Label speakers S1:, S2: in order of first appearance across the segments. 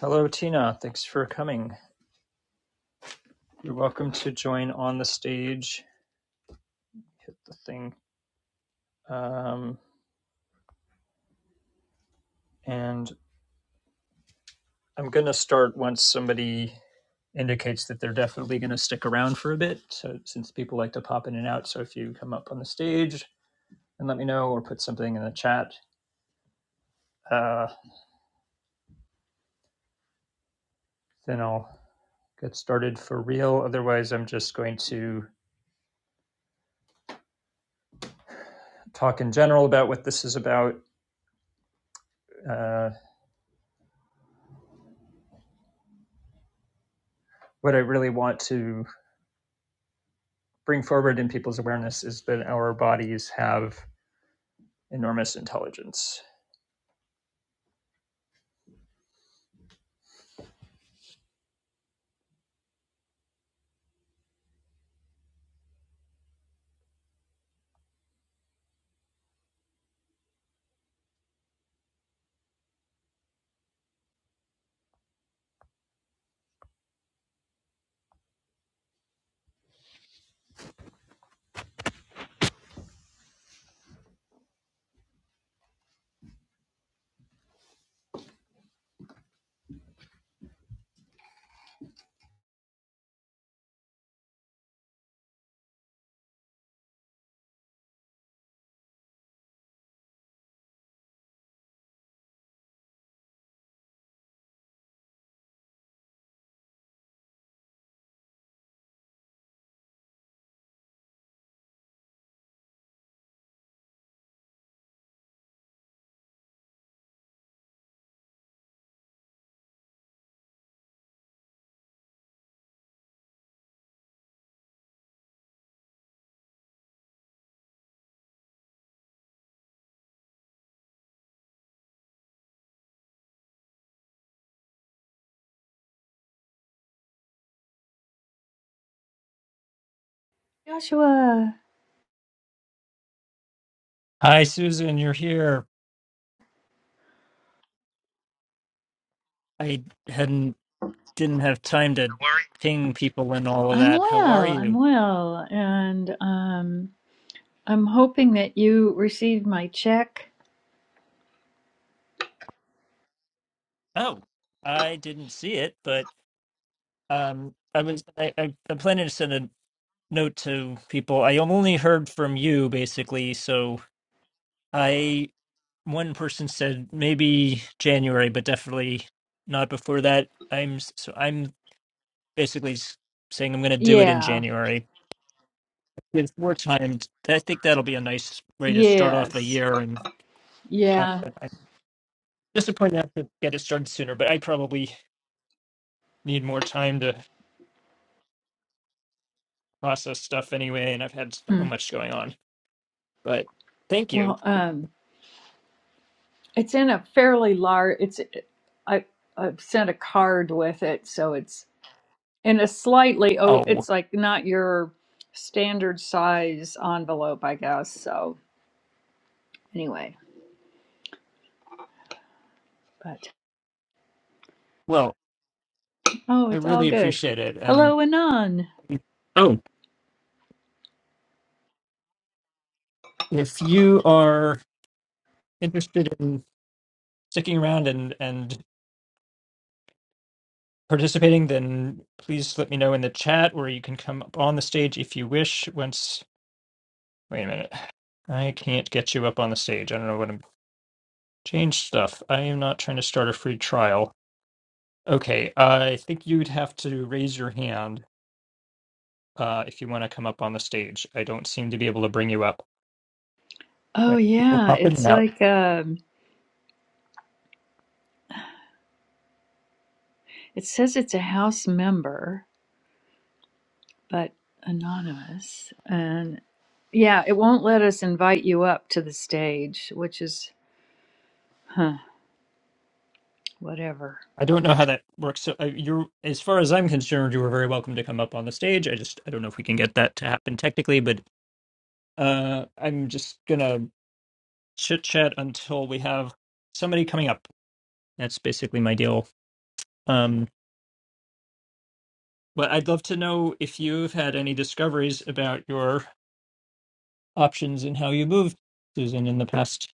S1: Hello, Tina. Thanks for coming. You're welcome to join on the stage. Hit the thing. Um, and I'm going to start once somebody indicates that they're definitely going to stick around for a bit. So, since people like to pop in and out, so if you come up on the stage and let me know or put something in the chat, uh, then I'll get started for real. Otherwise, I'm just going to talk in general about what this is about, uh, what I really want to bring forward in people's awareness is that our bodies have enormous intelligence.
S2: Joshua,
S1: Hi, Susan, you're here. I hadn't didn't have time to ping people and all of
S2: I'm
S1: that. How are
S2: well. I'm
S1: you?
S2: well. And um, I'm hoping that you received my check.
S1: Oh, I didn't see it, but um, I was I, I, I'm planning to send a note to people. I only heard from you basically, so I one person said maybe January, but definitely not before that. I'm so I'm basically s- saying I'm going to do it in
S2: Yeah.
S1: January. It's more timed. I think that'll be a nice way to start off a
S2: Yes.
S1: year. And uh,
S2: Yeah.
S1: I'm disappointed I have to get it started sooner, but I probably need more time to process stuff anyway. And I've had so
S2: Mm.
S1: much going on. But thank you.
S2: Well, um, it's in a fairly large, it's, I, I've sent a card with it. So it's in a slightly, oh,
S1: Oh,
S2: it's like not your standard size envelope, I guess. So anyway, but
S1: well,
S2: oh,
S1: I
S2: it's all
S1: really
S2: good.
S1: appreciate it. And
S2: Hello, Anon.
S1: oh, if you are interested in sticking around and and participating, then please let me know in the chat, or you can come up on the stage if you wish once Wait a minute. I can't get you up on the stage. I don't know what I'm change stuff. I am not trying to start a free trial. Okay, I think you'd have to raise your hand uh, if you want to come up on the stage. I don't seem to be able to bring you up.
S2: Oh,
S1: But people
S2: yeah.
S1: pop in and
S2: It's
S1: out.
S2: like, um, It says it's a House member, but anonymous. And yeah, it won't let us invite you up to the stage, which is, huh, whatever.
S1: I don't know how that works. So uh, you're, as far as I'm concerned, you are very welcome to come up on the stage. I just I don't know if we can get that to happen technically, but uh, I'm just gonna chit chat until we have somebody coming up. That's basically my deal. Um. But I'd love to know if you've had any discoveries about your options and how you moved, Susan, in the past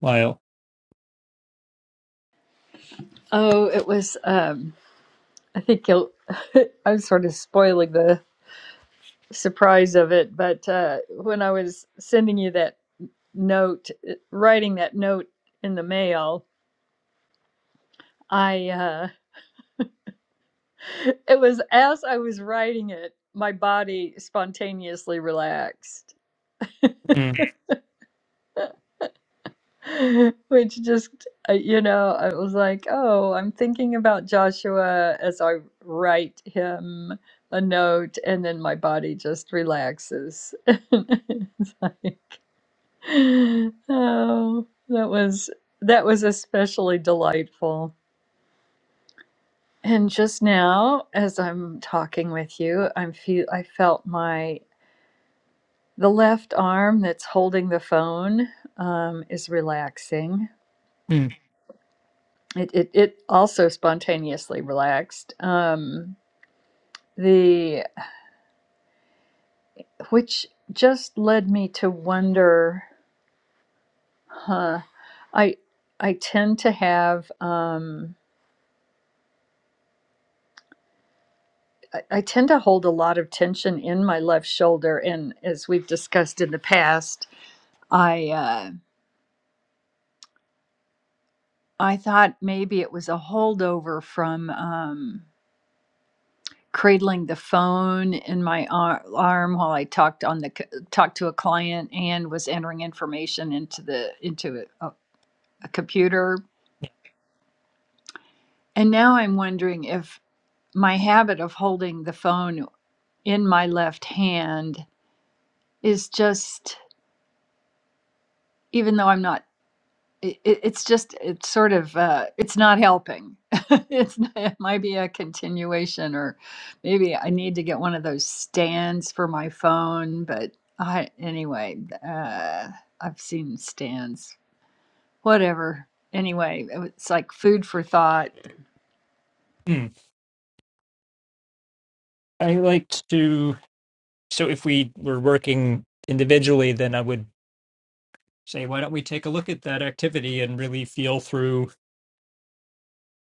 S1: while.
S2: Oh, it was, um, I think you'll, I'm sort of spoiling the surprise of it, but uh, when I was sending you that note, writing that note in the mail, I, uh, it was as I was writing it, my body spontaneously relaxed
S1: Mm,
S2: Which just, uh, you know, I was like, oh, I'm thinking about Joshua as I write him a note, and then my body just relaxes. It's like, oh, that was that was especially delightful. And just now, as I'm talking with you, I'm feel I felt my the left arm that's holding the phone um, is relaxing
S1: mm,
S2: It it, it also spontaneously relaxed. Um, the which just led me to wonder. Huh, I I tend to have. Um, I I tend to hold a lot of tension in my left shoulder, and as we've discussed in the past, I uh, I thought maybe it was a holdover from. Um, cradling the phone in my ar- arm while I talked on the c- talked to a client and was entering information into the into a, a, a computer.
S1: yeah,
S2: And now I'm wondering if my habit of holding the phone in my left hand is just even though I'm not it, it- it's just it's sort of uh, it's not helping it's not, it might be a continuation or maybe i need to get one of those stands for my phone but i anyway uh, i've seen stands whatever anyway it was- it's like food for thought
S1: mm. I like to. So if we were working individually, then I would say, why don't we take a look at that activity and really feel through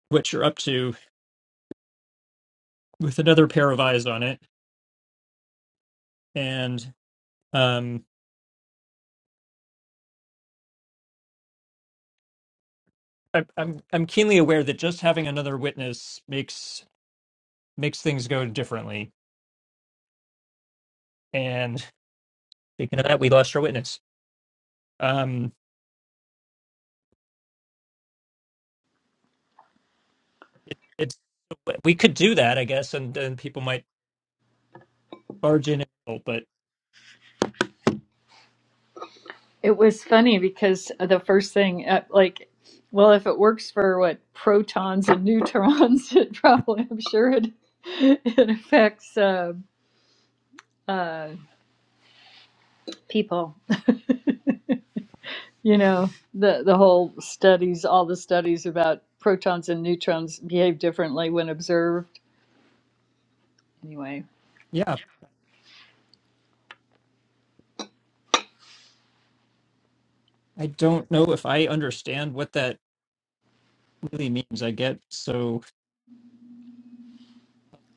S1: what you're up to with another pair of eyes on it? And um, I, I'm I'm keenly aware that just having another witness makes makes things go differently. And speaking of that, we lost our witness. Um, it, it's we could do that, I guess, and then people might barge in. and out, But
S2: it was funny because the first thing uh, like well if it works for what protons and neutrons it probably i'm sure it it affects uh, uh, people you know the the whole studies all the studies about protons and neutrons behave differently when observed anyway
S1: yeah, I don't know if I understand what that really means. I get so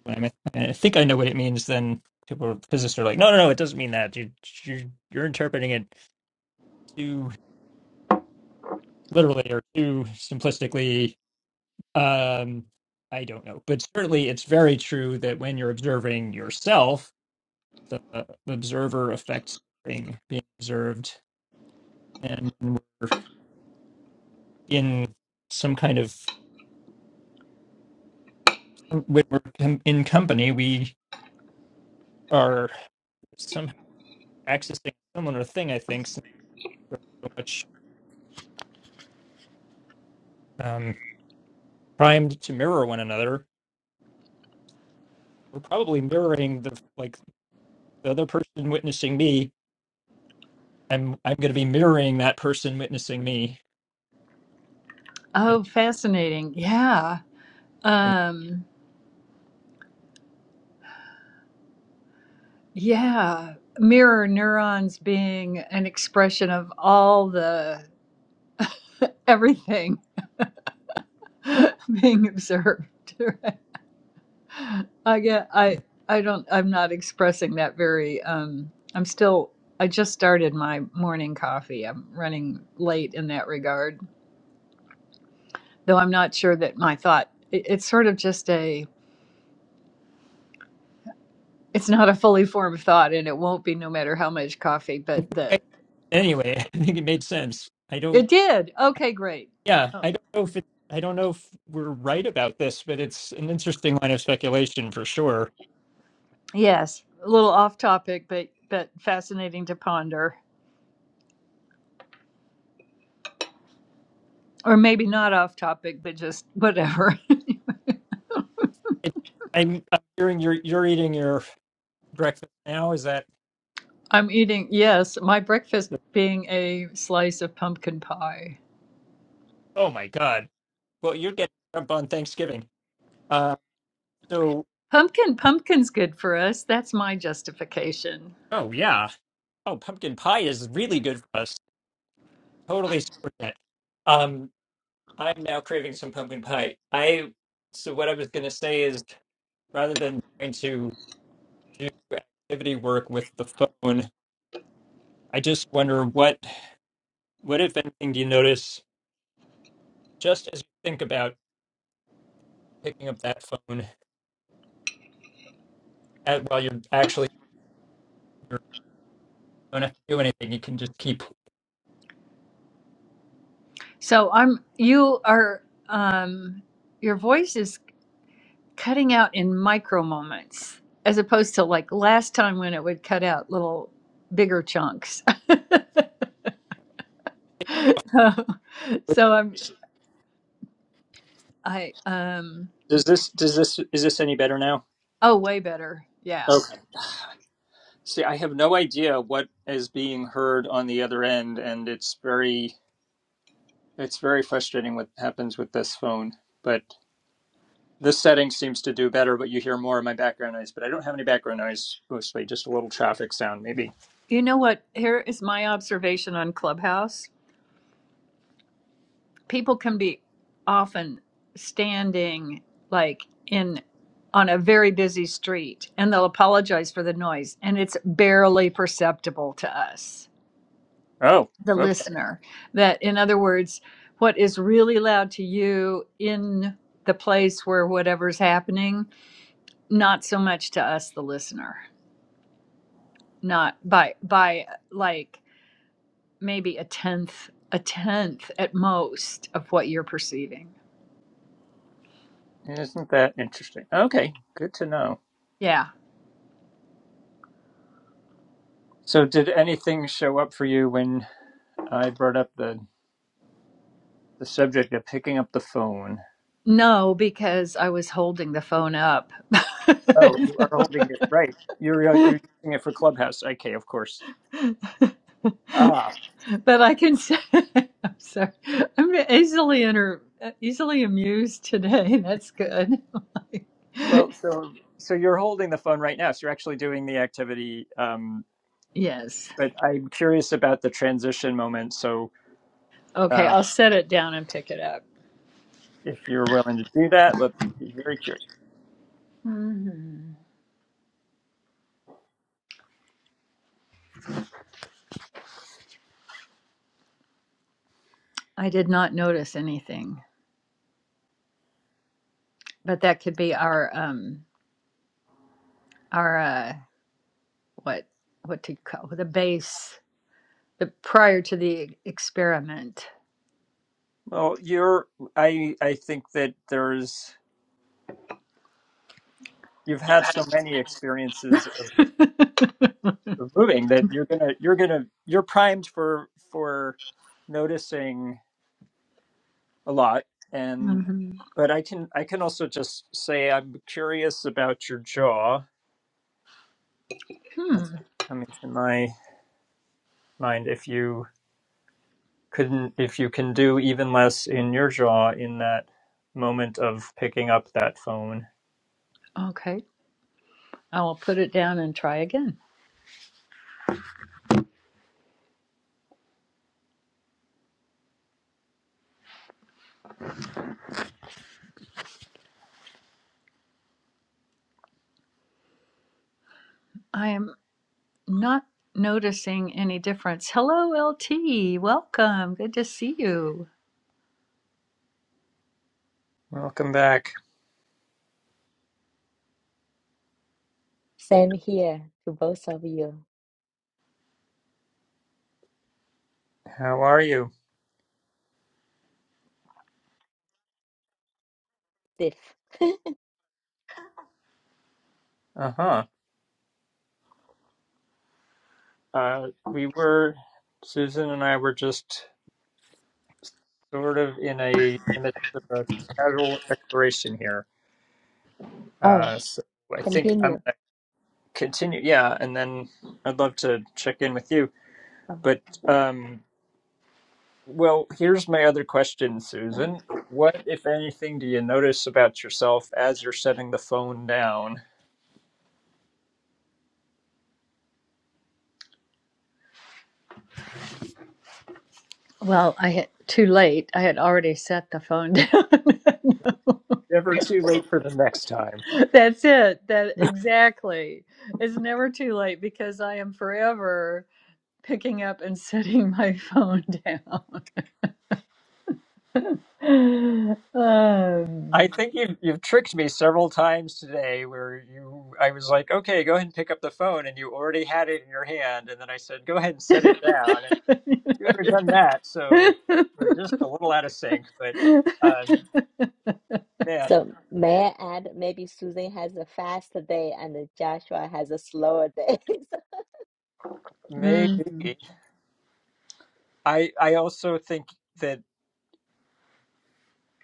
S1: when i I think I know what it means. Then people, physicists, are like, no, no, no, it doesn't mean that. You, you you're interpreting it too literally or too simplistically. Um, I don't know, but certainly it's very true that when you're observing yourself, the observer affects the thing being observed, and when we're in some kind of when we're com- in company, we are somehow accessing a similar thing. I think since we're so much um, primed to mirror one another, we're probably mirroring the like the other person witnessing me. I'm I'm going to be mirroring that person witnessing me. And,
S2: oh fascinating yeah
S1: and
S2: um yeah mirror neurons being an expression of all the everything being observed i get i i don't i'm not expressing that very um i'm still i just started my morning coffee i'm running late in that regard though I'm not sure that my thought, it, it's sort of just a, it's not a fully formed thought and it won't be no matter how much coffee,
S1: I-
S2: but
S1: think
S2: the,
S1: I- anyway, I think it made sense. I
S2: it
S1: don't.
S2: did. Okay, great.
S1: Yeah,
S2: Oh.
S1: I don't know if it. I don't know if we're right about this, but it's an interesting line of speculation for sure.
S2: Yes, a little off topic, but, but fascinating to ponder. Or maybe not off topic, but just whatever.
S1: It, I'm, I'm hearing you're you're eating your breakfast now. Is that?
S2: I'm eating, yes, my breakfast being a slice of pumpkin pie.
S1: Oh my God! Well, you're getting up on Thanksgiving. Uh, so
S2: Pumpkin, pumpkin's good for us. That's my justification.
S1: oh yeah. Oh, pumpkin pie is really good for us. Totally support that. Um, I'm now craving some pumpkin pie. I so what I was gonna say is rather than trying to do activity work with the phone, I just wonder what what if anything do you notice just as you think about picking up that phone at, while you're actually don't have to do anything. You can just keep.
S2: So I'm, you are, um, your voice is cutting out in micro moments as opposed to like last time when it would cut out little bigger chunks so, so i'm i um
S1: Does this does this is this any better now?
S2: oh way better yeah
S1: Okay. See, I have no idea what is being heard on the other end, and it's very it's very frustrating what happens with this phone. But this setting seems to do better, but you hear more of my background noise. But I don't have any background noise, mostly just a little traffic sound, maybe.
S2: you know what here is my observation on clubhouse people can be often standing like in on a very busy street and they'll apologize for the noise and it's barely perceptible to us
S1: Oh,
S2: the
S1: okay.
S2: listener. That, in other words, what is really loud to you in the place where whatever's happening, not so much to us, the listener, not by, by like maybe a tenth, a tenth at most of what you're perceiving.
S1: Isn't that interesting? Okay, good to know.
S2: Yeah.
S1: So, did anything show up for you when I brought up the the subject of picking up the phone?
S2: No, because I was holding the phone up.
S1: Oh, you are holding it right. You're uh, you're
S2: but
S1: using it for Clubhouse. Okay, of course. Ah,
S2: I can say, I'm sorry, I'm easily inter, easily amused today. That's good.
S1: well, so so you're holding the phone right now. So you're actually doing the activity. Um,
S2: Yes.
S1: but I'm curious about the transition moment. So
S2: Okay,
S1: uh,
S2: I'll set it down and pick it up.
S1: if you're willing to do that, let be very curious.
S2: hmm I did not notice anything, but that could be our um our uh what what to call the base the prior to the experiment.
S1: Well, you're. I I think that there's. You've had so many experiences of,
S2: hmm
S1: of moving that you're gonna you're gonna you're primed for for noticing a lot and but i can i can also just say i'm curious about your jaw that's
S2: Hmm.
S1: coming to my mind if you couldn't if you can do even less in your jaw in that moment of picking up that phone
S2: Okay. I will put it down and try again. I am not noticing any difference. Hello, LT. Welcome. Good to see you.
S1: welcome back
S3: Same here to both of you,
S1: how are you
S3: Steve.
S1: uh-huh uh we were susan and i were just sort of in a in the midst of a casual exploration here
S3: Oh,
S1: uh so i think i'm
S3: continue.
S1: continue yeah and then i'd love to check in with you
S3: Oh.
S1: but um well here's my other question susan what if anything do you notice about yourself as you're setting the phone down
S2: Well, I had too late. I had already set the phone down.
S1: never too late for the next time
S2: That's it. That exactly. It's never too late because I am forever picking up and setting my phone down. Um,
S1: i think you've, you've tricked me several times today where you i was like okay go ahead and pick up the phone and you already had it in your hand and then i said go ahead and set it down and you would have done that so we're just a little out of sync but um man
S3: So may I add, maybe Susan has a fast day and Joshua has a slower day. So-
S2: Mm.
S1: maybe I I also think that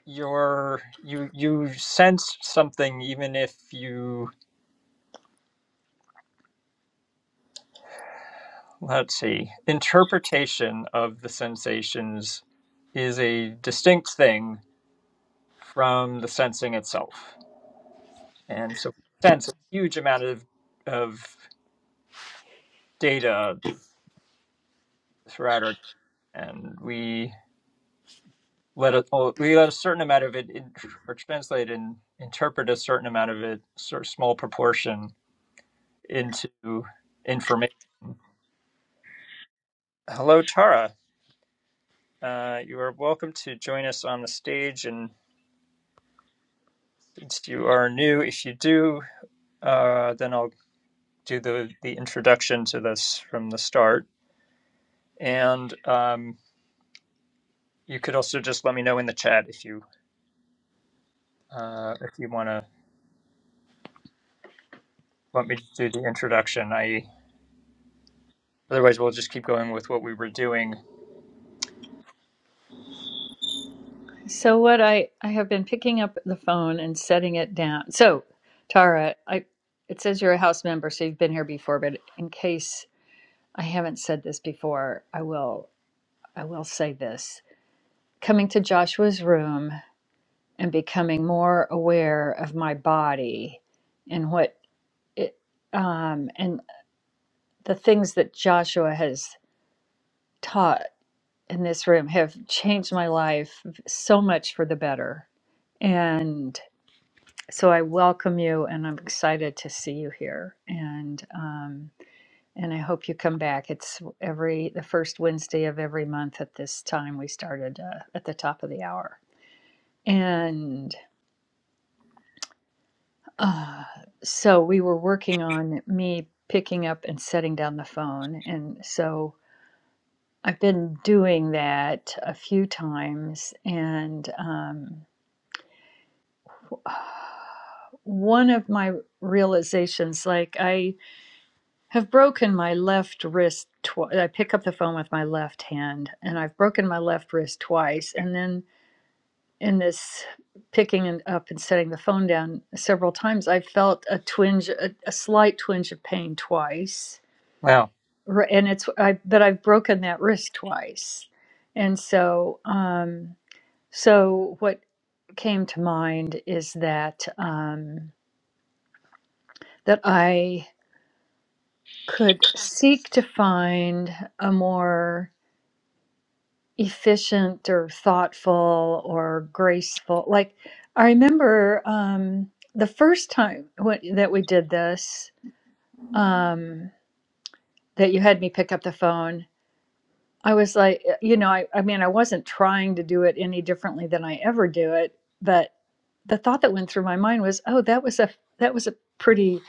S1: your you you sense something even if you let's see interpretation of the sensations is a distinct thing from the sensing itself and so we sense a huge amount of of data throughout our and we let a, well, we let a certain amount of it in, or translate and interpret a certain amount of it sort of small proportion into information Hello, Tara. Uh, you are welcome to join us on the stage. And since you are new, if you do, uh, then I'll do the, the introduction to this from the start. And um, you could also just let me know in the chat if you uh, if you want to want me to do the introduction. I otherwise we'll just keep going with what we were doing.
S2: So what I I have been picking up the phone and setting it down. So, Tara, I it says you're a house member, so you've been here before, but in case I haven't said this before, I will I will say this. Coming to Joshua's room and becoming more aware of my body and what it um, and the things that Joshua has taught in this room have changed my life so much for the better. And so I welcome you, and I'm excited to see you here. And um, and I hope you come back. It's every the first Wednesday of every month at this time. We started uh, at the top of the hour, and Uh, so we were working on me picking up and setting down the phone. And so I've been doing that a few times. And um, one of my realizations, like I have broken my left wrist twice. I pick up the phone with my left hand and I've broken my left wrist twice. And then in this picking and up and setting the phone down several times i felt a twinge a, a slight twinge of pain twice
S1: Wow.
S2: and it's i but i've broken that wrist twice and so um so what came to mind is that um that i could seek to find a more efficient or thoughtful or graceful. Like I remember um, the first time when, that we did this, um, that you had me pick up the phone. I was like, eh, you know, I, I mean, I wasn't trying to do it any differently than I ever do it, but the thought that went through my mind was, oh, that was a that was a pretty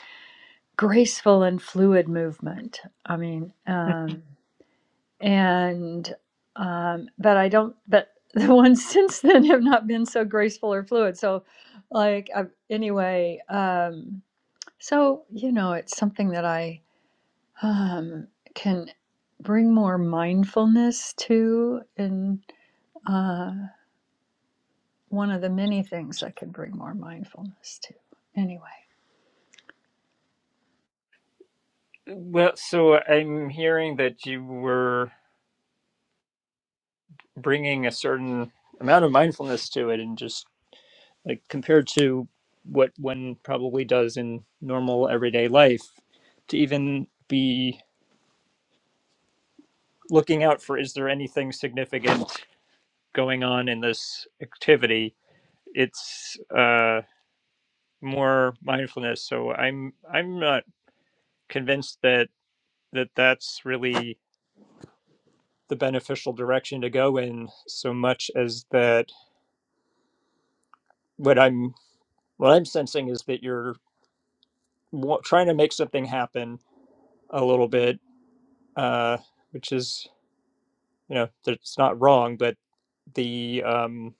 S2: graceful and fluid movement. I mean, um, and um, but I don't. But the ones since then have not been so graceful or fluid. So, like i anyway, um, so you know, it's something that I um, can bring more mindfulness to, and uh, one of the many things I can bring more mindfulness to. Anyway,
S1: Well, so I'm hearing that you were bringing a certain amount of mindfulness to it, and just like compared to what one probably does in normal everyday life to even be looking out for is there anything significant going on in this activity it's uh more mindfulness so i'm i'm not convinced that that that's really the beneficial direction to go in so much as that what i'm what i'm sensing is that you're wa- trying to make something happen a little bit uh which is you know it's not wrong but the um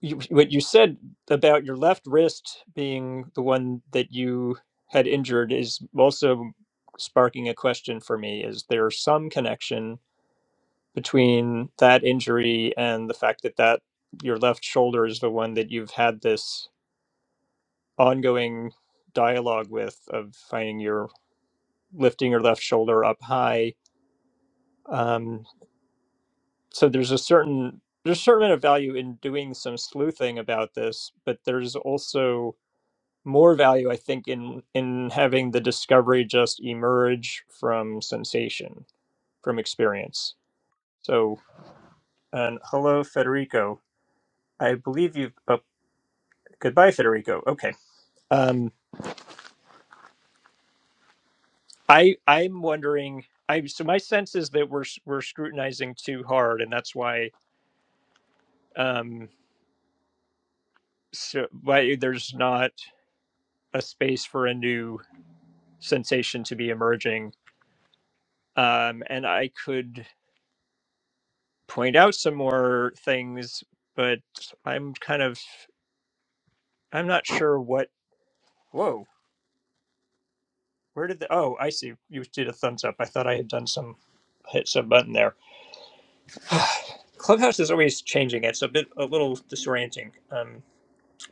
S1: you, what you said about your left wrist being the one that you had injured is also sparking a question for me is there some connection between that injury and the fact that that your left shoulder is the one that you've had this ongoing dialogue with of finding your lifting your left shoulder up high Um, so there's a certain there's a certain amount of value in doing some sleuthing about this, but there's also more value, I think, in in having the discovery just emerge from sensation, from experience. So, and hello, Federico. I believe you've. Oh, goodbye, Federico. Okay. Um, I I'm wondering. I so my sense is that we're s- we're scrutinizing too hard, and that's why um so why there's not a space for a new sensation to be emerging. Um, and I could point out some more things, but I'm kind of I'm not sure what. Whoa, where did the? Oh, I see. You did a thumbs up. I thought I had done some hit some button there. Clubhouse is always changing. It's a bit a little disorienting. Um,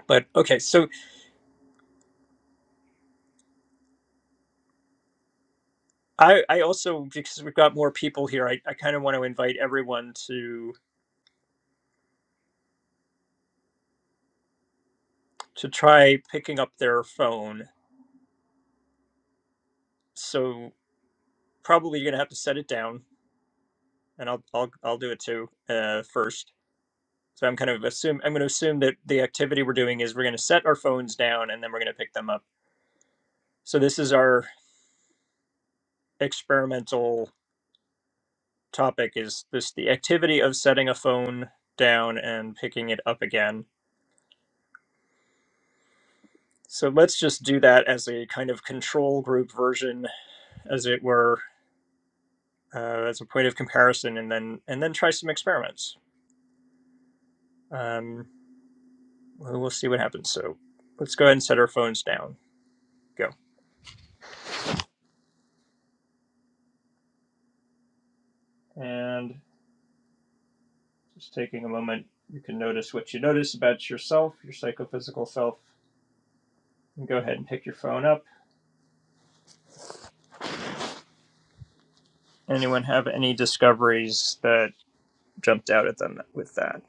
S1: but okay, so I, I also because we've got more people here, I, I kind of want to invite everyone to to try picking up their phone. So probably you're gonna have to set it down and I'll I'll I'll do it too uh, first. So I'm kind of assume I'm going to assume that the activity we're doing is we're going to set our phones down and then we're going to pick them up. So this is our experimental topic is this the activity of setting a phone down and picking it up again. So let's just do that as a kind of control group version, as it were, uh, as a point of comparison, and then and then try some experiments. Um, we'll we'll see what happens. So let's go ahead and set our phones down. Go and Just taking a moment, you can notice what you notice about yourself, your psychophysical self. And go ahead and pick your phone up. Anyone have any discoveries that jumped out at them with that?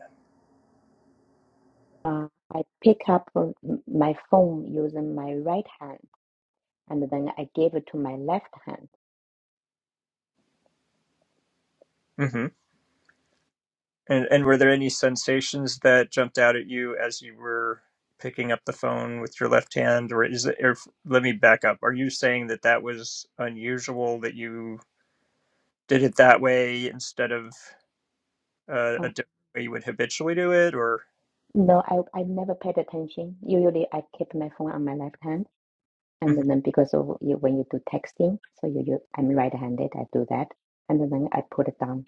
S3: Uh, I pick up uh, m- my phone using my right hand, and then I give it to my left hand.
S1: hmm And and were there any sensations that jumped out at you as you were picking up the phone with your left hand, or is it? Or, let me back up. Are you saying that that was unusual that you did it that way instead of uh, a
S3: Uh,
S1: different way you would habitually do it, or?
S3: no, I I never paid attention. Usually, I keep my phone on my left hand, and then because of you, when you do texting, so you, you I'm right-handed, I do that, and then I put it down.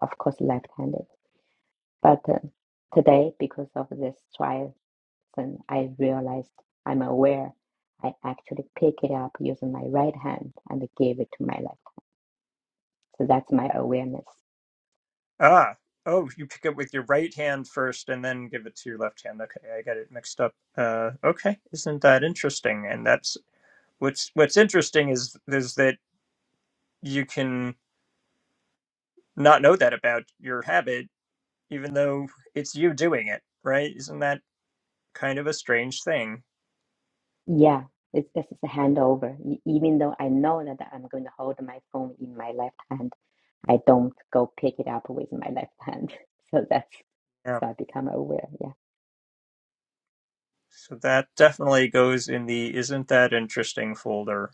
S3: Of course, left-handed. But uh, today, because of this trial, then I realized I'm aware. I actually pick it up using my right hand and give it to my left. So that's my awareness.
S1: Ah, oh, you pick it with your right hand first and then give it to your left hand. Okay, I got it mixed up. Uh, okay, isn't that interesting? And that's what's what's interesting is is that you can not know that about your habit, even though it's you doing it, right? Isn't that kind of a strange thing?
S3: Yeah, it's this is a handover. E- Even though I know that I'm going to hold my phone in my left hand, I don't go pick it up with my left hand. So that's
S1: Yeah.
S3: so I become aware. Yeah,
S1: So that definitely goes in the isn't that interesting folder.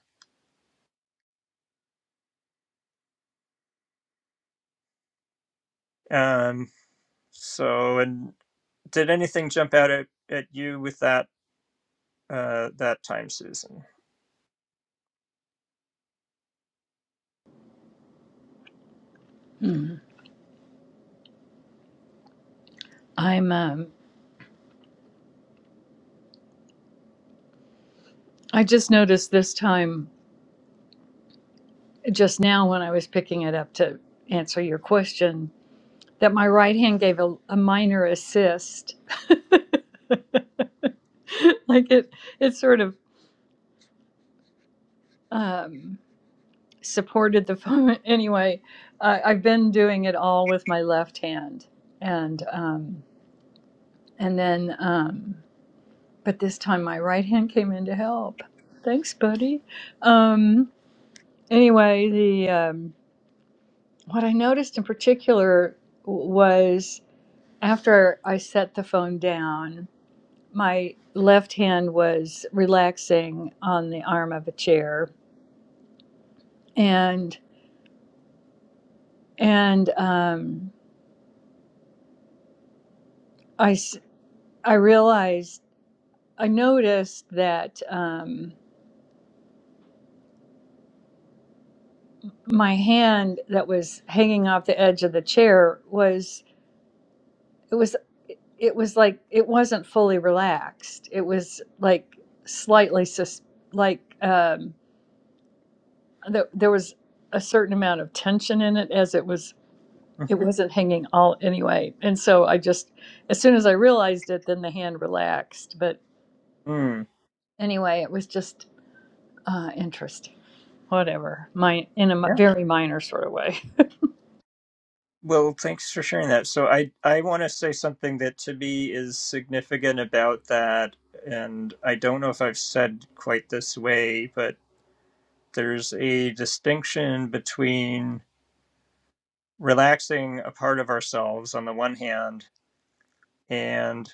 S1: Um, so and did anything jump out at, at you with that uh that time, Susan?
S2: mm. I'm. Um, I just noticed this time just now when I was picking it up to answer your question that my right hand gave a, a minor assist. like it, it sort of um, supported the phone. Anyway, I I've been doing it all with my left hand, and um, and then, um, but this time my right hand came in to help. Thanks, buddy. Um, anyway, the um, what I noticed in particular was after I set the phone down. my left hand was relaxing on the arm of a chair and and um, I I realized I noticed that um, my hand that was hanging off the edge of the chair was it was it was like it wasn't fully relaxed. It was like slightly sus- like um, there there was a certain amount of tension in it as it was it
S1: Mm-hmm.
S2: wasn't hanging all anyway. And so I just, as soon as I realized it, then the hand relaxed. But
S1: Hmm.
S2: anyway, it was just uh, interesting. Whatever, my in a mi-
S1: yeah.
S2: very minor sort of way.
S1: Well, thanks for sharing that. So I I want to say something that to me is significant about that, and I don't know if I've said quite this way, but there's a distinction between relaxing a part of ourselves on the one hand and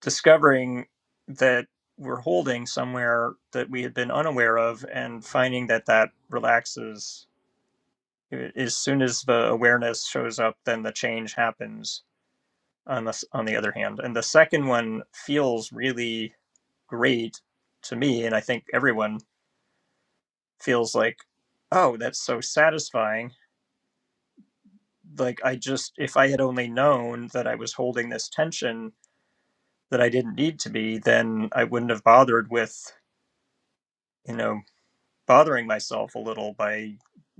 S1: discovering that we're holding somewhere that we had been unaware of and finding that that relaxes as soon as the awareness shows up then the change happens on this on the other hand and the second one feels really great to me and i think everyone feels like oh that's so satisfying like i just if i had only known that i was holding this tension that i didn't need to be then i wouldn't have bothered with you know bothering myself a little by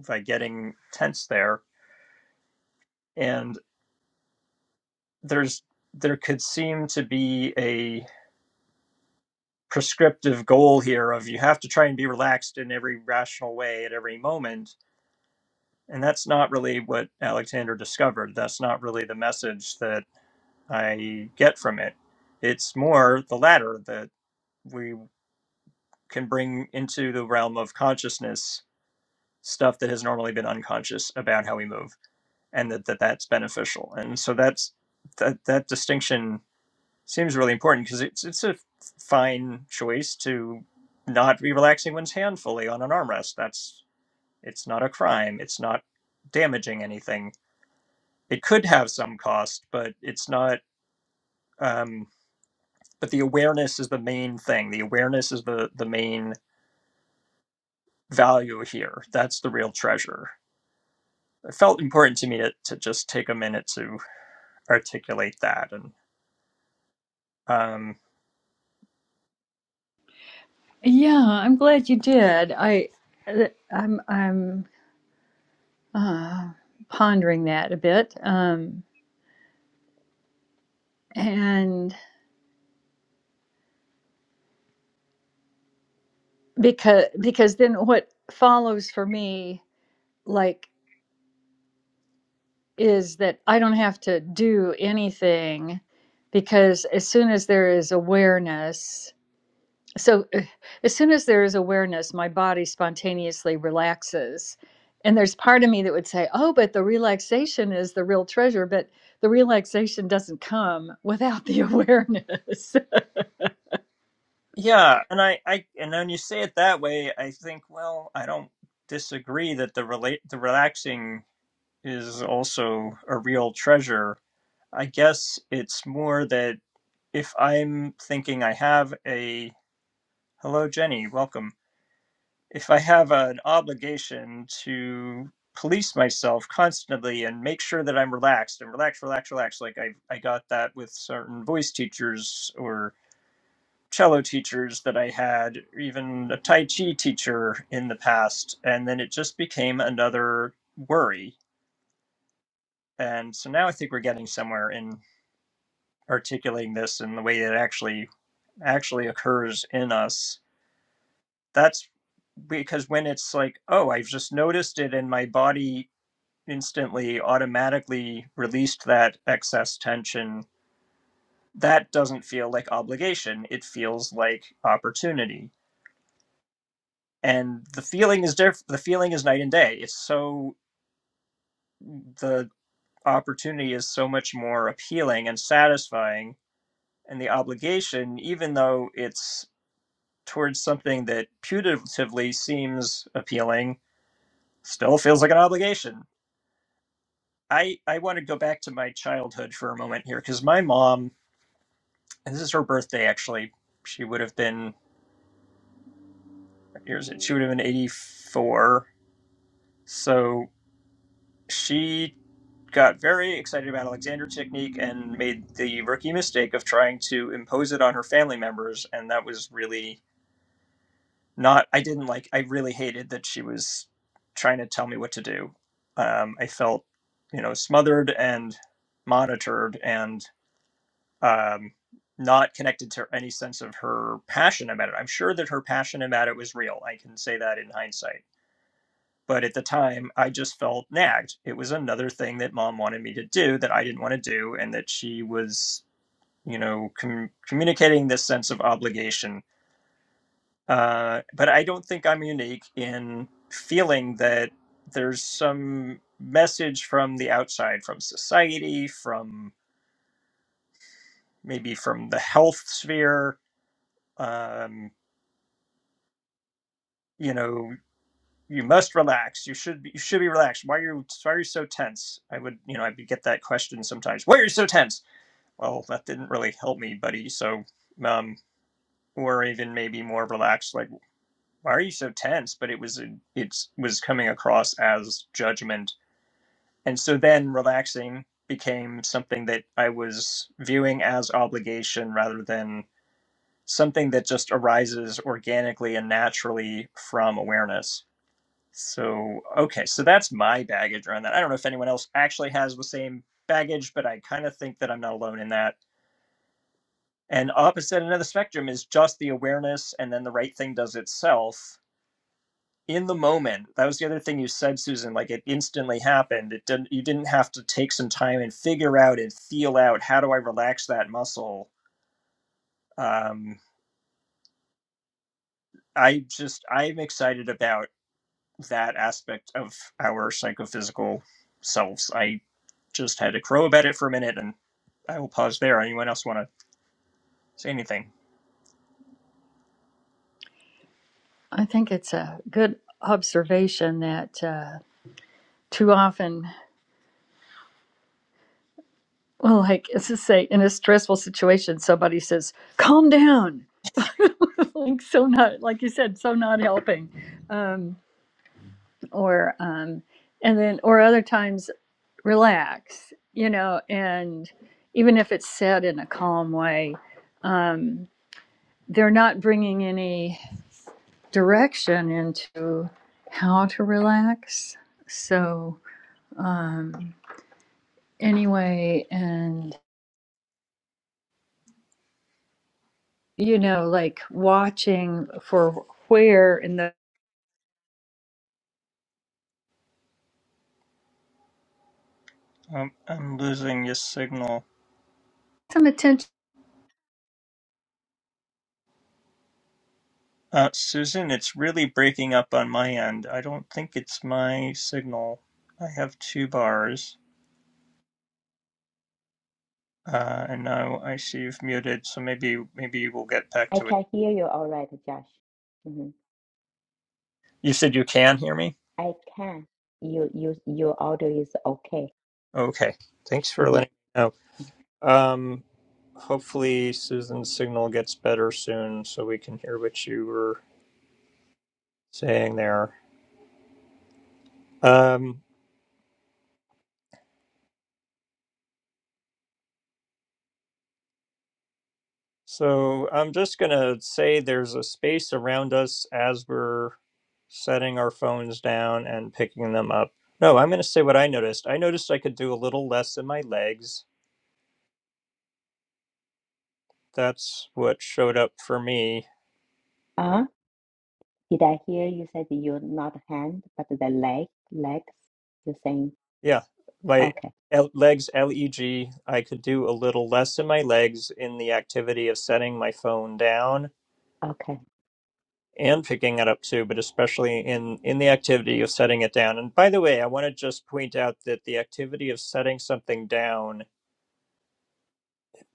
S1: by getting tense there and there's there could seem to be a prescriptive goal here of you have to try and be relaxed in every rational way at every moment and that's not really what alexander discovered that's not really the message that i get from it it's more the latter that we can bring into the realm of consciousness stuff that has normally been unconscious about how we move and that, that that's beneficial and so that's that that distinction Seems really important because it's it's a fine choice to not be relaxing one's hand fully on an armrest. That's it's not a crime. It's not damaging anything. It could have some cost, but it's not. Um, but the awareness is the main thing. The awareness is the the main value here. That's the real treasure. It felt important to me to, to just take a minute to articulate that and um,
S2: Yeah, I'm glad you did. I, I'm, I'm uh, pondering that a bit, um, and because because then what follows for me, like. is that I don't have to do anything because as soon as there is awareness, so uh, as soon as there is awareness, my body spontaneously relaxes. And there's part of me that would say, oh, but the relaxation is the real treasure, but the relaxation doesn't come without the awareness.
S1: Yeah, and I, I, and when you say it that way, I think, well, I don't disagree that the relate, the relaxing is also a real treasure. I guess it's more that if I'm thinking I have a, hello, Jenny, welcome. If I have an obligation to police myself constantly and make sure that I'm relaxed and relax, relax, relax, like I, I got that with certain voice teachers or cello teachers that I had, or even a Tai Chi teacher in the past. And then it just became another worry. And so now I think we're getting somewhere in articulating this in the way it actually actually occurs in us. That's because when it's like, oh, I've just noticed it and my body instantly automatically released that excess tension, that doesn't feel like obligation. It feels like opportunity and the feeling is diff- the feeling is night and day it's so the opportunity is so much more appealing and satisfying and the obligation even though it's towards something that putatively seems appealing still feels like an obligation i i want to go back to my childhood for a moment here because my mom and this is her birthday actually she would have been what year is it? she would have been 84 so she got very excited about Alexander's technique and made the rookie mistake of trying to impose it on her family members. And that was really not, I didn't like, I really hated that she was trying to tell me what to do. Um, I felt, you know, smothered and monitored and um, not connected to any sense of her passion about it. I'm sure that her passion about it was real. I can say that in hindsight but at the time, I just felt nagged. It was another thing that mom wanted me to do that I didn't want to do, and that she was, you know, com- communicating this sense of obligation. Uh, but I don't think I'm unique in feeling that there's some message from the outside, from society, from maybe from the health sphere. Um, you know, you must relax. You should be, you should be relaxed. Why are you why are you so tense? I would you know I would get that question sometimes. Why are you so tense? well, that didn't really help me, buddy. So, um, or even maybe more relaxed, like, why are you so tense? But it was a, it was coming across as judgment, and so then relaxing became something that I was viewing as obligation rather than something that just arises organically and naturally from awareness. So, okay, so that's my baggage around that. I don't know if anyone else actually has the same baggage, but I kind of think that I'm not alone in that And opposite end of the spectrum is just the awareness, and then the right thing does itself in the moment. That was the other thing you said, Susan. Like it instantly happened. It didn't. You didn't have to take some time and figure out and feel out how do I relax that muscle. Um, I just I'm excited about that aspect of our psychophysical selves. I just had to crow about it for a minute, and I will pause there. Anyone else want to say anything?
S2: I think it's a good observation that uh, too often, well, like, let's just say in a stressful situation, somebody says, calm down like so not like you said so not helping um or um and then or other times relax you know and even if it's said in a calm way um they're not bringing any direction into how to relax so um anyway and you know like watching for where in the
S1: Um, I'm losing your signal.
S2: some attention
S1: Uh, Susan, it's really breaking up on my end. I don't think it's my signal. I have two bars, uh, and now I see you've muted, so maybe maybe we'll get back
S3: I
S1: to it.
S3: can hear you all right, Josh. hmm
S1: You said you can hear me?
S3: I can. You you your audio is okay.
S1: Okay. Thanks for
S3: Mm-hmm. Mm-hmm.
S1: letting me know. Um, hopefully Susan's signal gets better soon, so we can hear what you were saying there. Um, So I'm just going to say there's a space around us as we're setting our phones down and picking them up. No, I'm going to say what I noticed. I noticed I could do a little less in my legs. That's what showed up for me.
S3: Ah, did I hear you said you're not hand, but the leg, legs? You're saying,
S1: Yeah, my
S3: okay,
S1: L- legs, L E G, I could do a little less in my legs in the activity of setting my phone down
S3: okay.
S1: and picking it up too, but especially in in the activity of setting it down. And by the way, I want to just point out that the activity of setting something down,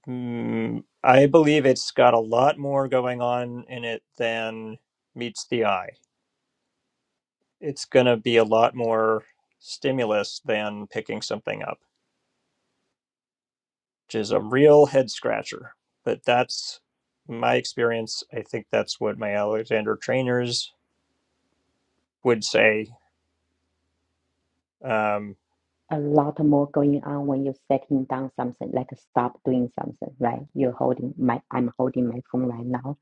S1: mm, I believe it's got a lot more going on in it than meets the eye. It's going to be a lot more stimulus than picking something up, which is a real head scratcher. But that's my experience. I think that's what my Alexander trainers would say Um,
S3: A lot more going on when you're setting down something, like stop doing something, right? You're holding my, I'm holding my phone right now.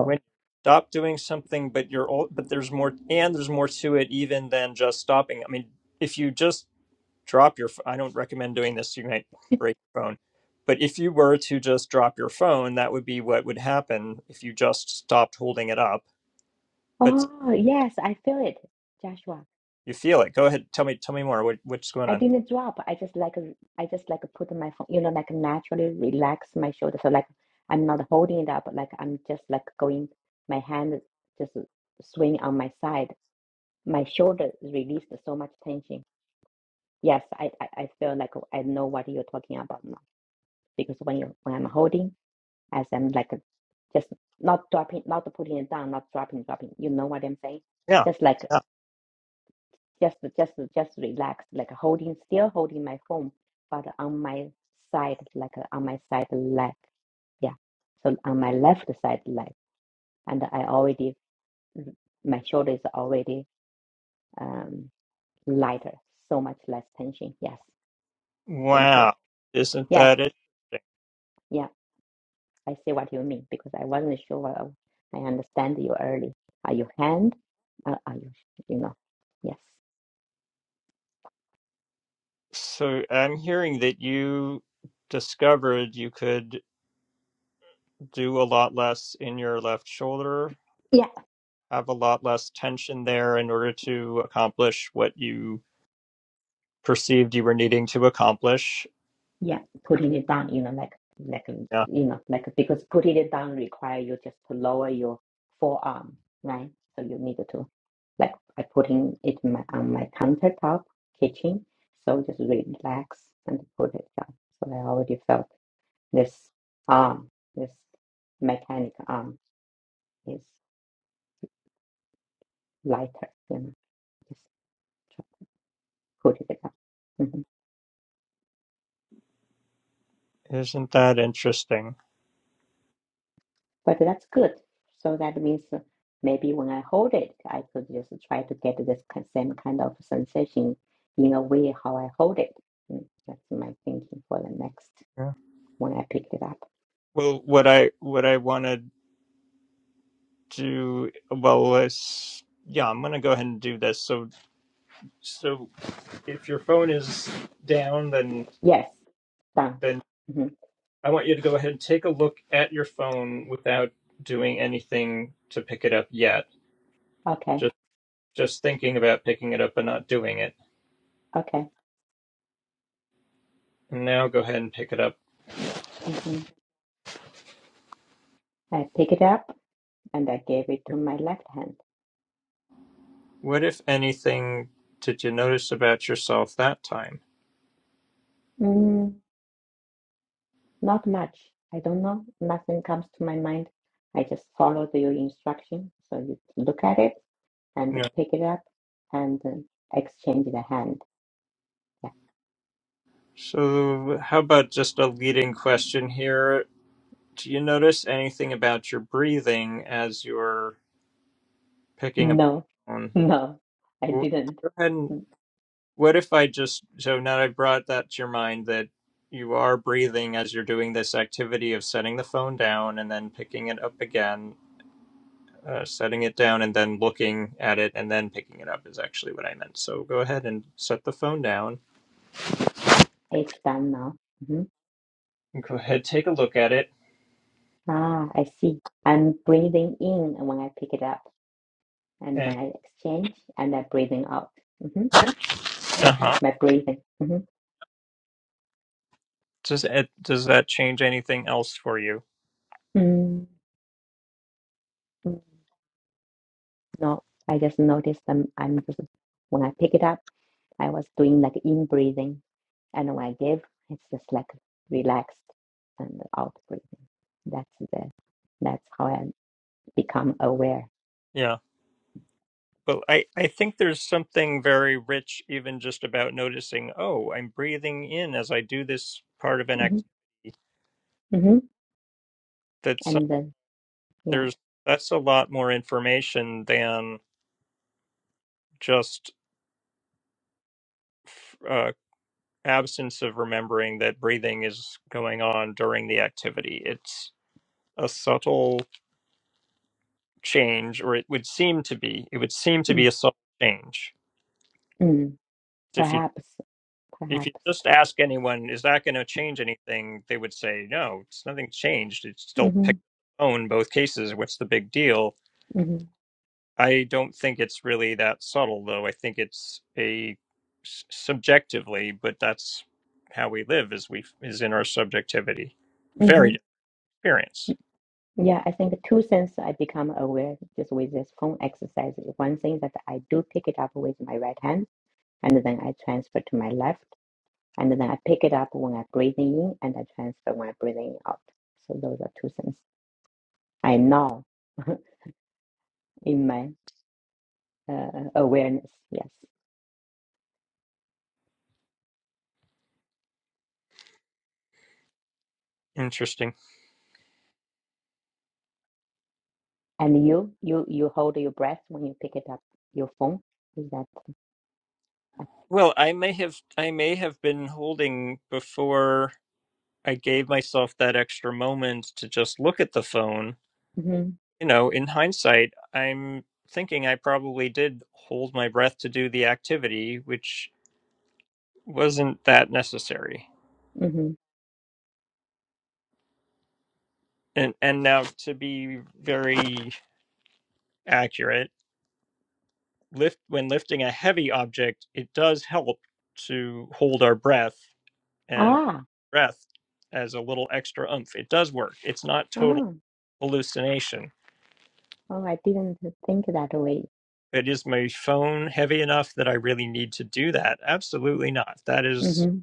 S1: when you stop doing something but you're old but there's more and there's more to it even than just stopping i mean if you just drop your ph- i don't recommend doing this you might break your phone but if you were to just drop your phone that would be what would happen if you just stopped holding it up but
S3: oh, yes, I feel it, Joshua.
S1: you feel it go ahead tell me tell me more what, what's going
S3: I
S1: on
S3: didn't drop. I just like, I just like put my phone, you know, like naturally relax my shoulder. So like, I'm not holding it up, like I'm just like going, my hand just swing on my side my shoulder released so much tension. Yes, I, I, I feel like I know what you're talking about now because when you when I'm holding, as I'm like just not dropping, not putting it down, not dropping, dropping. You know what I'm saying?
S1: yeah,
S3: Just like
S1: yeah.
S3: just just just relax, like holding, still holding my phone, but on my side, like on my side leg. Yeah, so on my left side leg, and I already my shoulder is already um lighter, so much less tension. Yes. Thank you.
S1: wow isn't
S3: Yes,
S1: that it
S3: yeah, I see what you mean because I wasn't sure I understand you early. Are you hand? Uh, are you, you know, yes.
S1: so i'm hearing that you discovered you could do a lot less in your left shoulder
S3: Yeah,
S1: have a lot less tension there in order to accomplish what you perceived you were needing to accomplish.
S3: yeah, putting it down, you know, like, like,
S1: Yeah.
S3: you know, like, because putting it down require you just to lower your forearm, right? So you need to, like, I putting it in my, on my countertop kitchen, so just relax and put it down. So I already felt this arm, this mechanic arm. is. lighter, you know, just try to put it up. Mhm.
S1: Isn't that interesting?
S3: But that's good. So that means uh, maybe when I hold it, I could just try to get this ki- same kind of sensation in a way how I hold it. Mm, That's my thinking for the next
S1: Yeah.
S3: when I pick it up.
S1: Well, what I what I want to do well is yeah, I'm going to go ahead and do this. So so if your phone is down then
S3: Yes, done.
S1: then
S3: hmm
S1: I want you to go ahead and take a look at your phone without doing anything to pick it up yet.
S3: Okay,
S1: Just just thinking about picking it up and not doing it.
S3: okay.
S1: And now go ahead and pick it up
S3: hmm I pick it up and I gave it to my left hand.
S1: What, if anything, did you notice about yourself that time?
S3: Mm. Not much. I don't know. Nothing comes to my mind. I just followed your instruction. So you look at it and
S1: Yeah.
S3: pick it up and uh, exchange the hand.
S1: So, how about just a leading question here? Do you notice anything about your breathing as you're picking up the
S3: No,
S1: phone?
S3: no, I
S1: Wh-
S3: didn't.
S1: Go ahead and
S3: Mm,
S1: what if I just, so now I brought that to your mind that you are breathing as you're doing this activity of setting the phone down and then picking it up again, uh, setting it down and then looking at it and then picking it up is actually what I meant. So go ahead and set the phone down
S3: It's done now. hmm
S1: Go ahead, take a look at it,
S3: Ah, I see. I'm breathing in when I pick it up and
S1: and
S3: when I exchange and I'm breathing out. hmm
S1: uh huh.
S3: My breathing. hmm
S1: Does it, does that change anything else for you?
S3: mm mm. No, I just noticed I'm, I'm just, when I pick it up. I was doing like in breathing, and when I give, it's just like relaxed and out breathing. That's the that's how I become aware.
S1: Yeah, but I I think there's something very rich even just about noticing. Oh, I'm breathing in as I do this part of an
S3: hmm
S1: activity.
S3: hmm
S1: That's some-
S3: And then yeah,
S1: there's that's a lot more information than just f- uh, absence of remembering that breathing is going on during the activity. It's a subtle change, or it would seem to be. It would seem to be
S3: mm
S1: a subtle change
S3: mm
S1: if you.
S3: perhaps
S1: If you
S3: perhaps.
S1: just ask anyone, is that going to change anything? They would say, no, it's nothing changed. It's still
S3: hmm
S1: pick the phone, both cases. What's the big deal?
S3: hmm
S1: I don't think it's really that subtle, though. I think it's a s- subjectively, but that's how we live is we is in our subjectivity.
S3: hmm
S1: Varied experience.
S3: Yeah, I think two things I become aware just with this phone exercise. One thing that I do pick it up with my right hand, and then I transfer to my left And then I pick it up when I breathe in and I transfer when I breathe in out. So those are two things I know in my uh, awareness. Yes.
S1: Interesting.
S3: And you, you, you hold your breath when you pick it up your phone. Is that?
S1: Well, I may have I may have been holding before I gave myself that extra moment to just look at the phone
S3: hmm
S1: you know, in hindsight, I'm thinking I probably did hold my breath to do the activity, which wasn't that necessary.
S3: hmm
S1: And and now to be very accurate, lift when lifting a heavy object, it does help to hold our breath and
S3: Ah.
S1: breath as a little extra oomph. It does work. It's not total
S3: Oh.
S1: hallucination.
S3: Oh, I didn't think that way.
S1: But is my phone heavy enough that I really need to do that? Absolutely not. That is
S3: hmm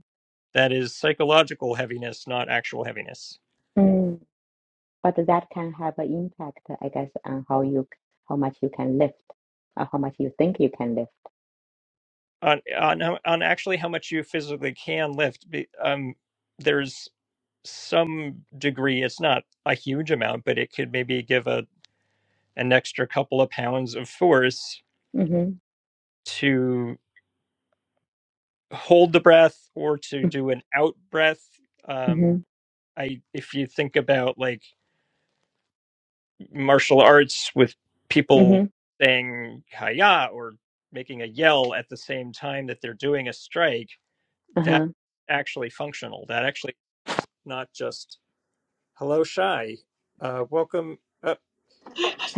S1: That is psychological heaviness, not actual heaviness.
S3: Mm. But that can have an impact, I guess, on how you, how much you can lift, or how much you think you can lift.
S1: On on on actually how much you physically can lift, be- um, there's some degree. It's not a huge amount, but it could maybe give a an extra couple of pounds of force
S3: hmm
S1: to hold the breath or to do an out breath.
S3: hmm
S1: Um, I if you think about like martial arts with people
S3: hmm
S1: saying "kaya" or making a yell at the same time that they're doing a strike that
S3: Uh-huh.
S1: actually functional. That actually not just hello shy, uh, welcome up.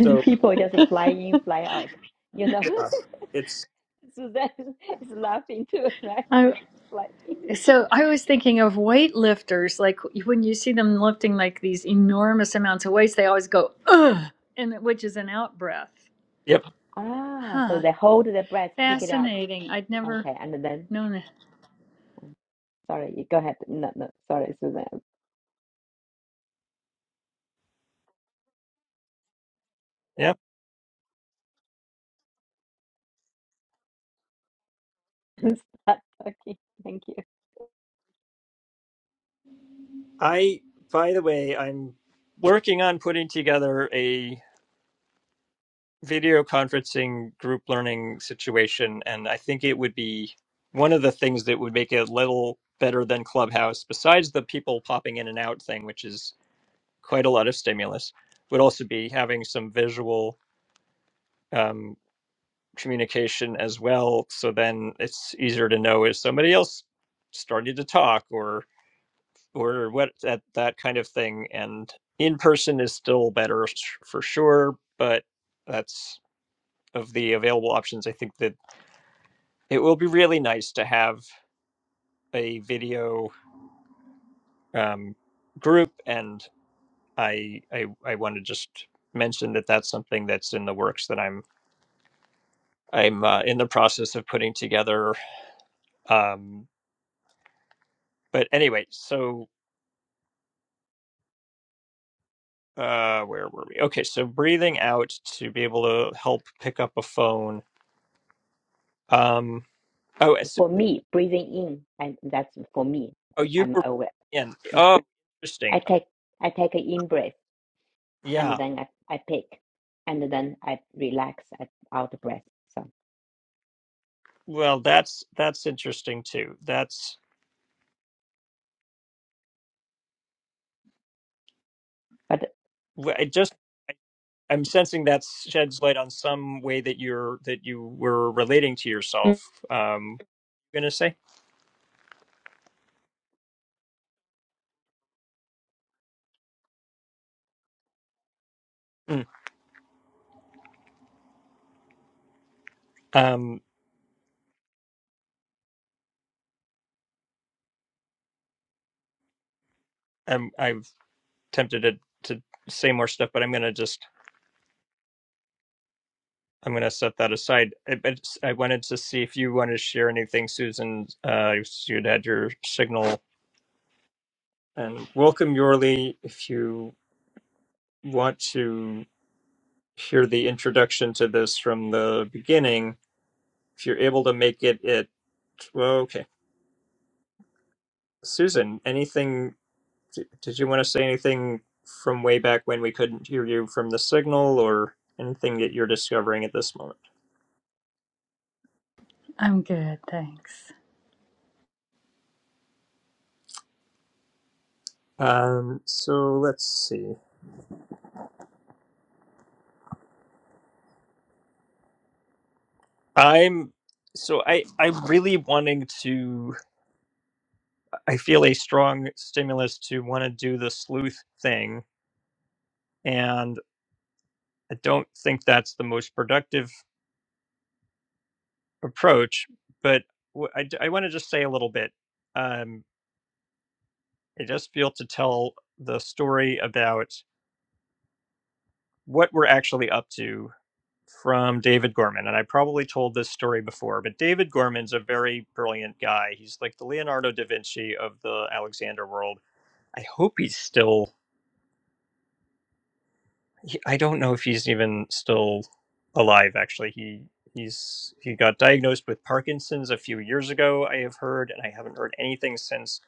S3: People just fly in, fly out. You know,
S1: yeah, it's
S3: Suzanne is laughing too, right?
S2: I,
S3: They just fly in.
S2: So I was thinking of weightlifters, like when you see them lifting like these enormous amounts of weights, they always go ugh, and which is an out breath.
S1: yep,
S3: Ah, so
S2: Huh?
S3: they hold the breath, pick it up.
S2: Fascinating. I'd never
S3: Okay, and then,
S2: known that.
S3: sorry, you go ahead. No, no, sorry, Suzanne.
S1: yep.
S3: Start talking. Thank you.
S1: I by the way, I'm working on putting together a video conferencing group learning situation, and I think it would be one of the things that would make it a little better than Clubhouse, besides the people popping in and out thing, which is quite a lot of stimulus, would also be having some visual. Um, communication as well so then it's easier to know is somebody else starting to talk or or what that that kind of thing and in person is still better for sure but that's of the available options i think that it will be really nice to have a video um, group and i i, I want to just mention that that's something that's in the works that i'm i'm uh, in the process of putting together um, but anyway so uh where were we okay so breathing out to be able to help pick up a phone um oh as-
S3: For me, breathing in, and that's for me.
S1: oh you
S3: I'm
S1: were
S3: aware.
S1: in oh interesting
S3: I take I take an in breath, and
S1: yeah
S3: then I, I pick, and then I relax at out breath. So,
S1: well that's that's interesting too that's
S3: but
S1: w- i just i'm sensing that sheds light on some way that you're that you were relating to yourself um gonna say Mm. um I'm, i'm tempted to to say more stuff but i'm gonna just I'm going to set that aside. I, but s- I wanted to see if you wanted to share anything, Susan. Uh, you'd had your signal. And welcome, Yorli. If you want to hear the introduction to this from the beginning, if you're able to make it, it well, okay. Susan, anything? d- Did you want to say anything from way back when we couldn't hear you from the signal, or anything that you're discovering at this moment?
S2: I'm good, thanks.
S1: Um, so let's see. I'm so I I'm really wanting to I feel a strong stimulus to want to do the sleuth thing and I don't think that's the most productive approach but wh- I want to just say a little bit um I just feel to tell the story about what we're actually up to from David Gorman and I probably told this story before but David Gorman's a very brilliant guy he's like the Leonardo da Vinci of the Alexander world I hope he's still. he, I don't know if he's even still alive. Actually, he he's he got diagnosed with Parkinson's a few years ago. I have heard, and I haven't heard anything since.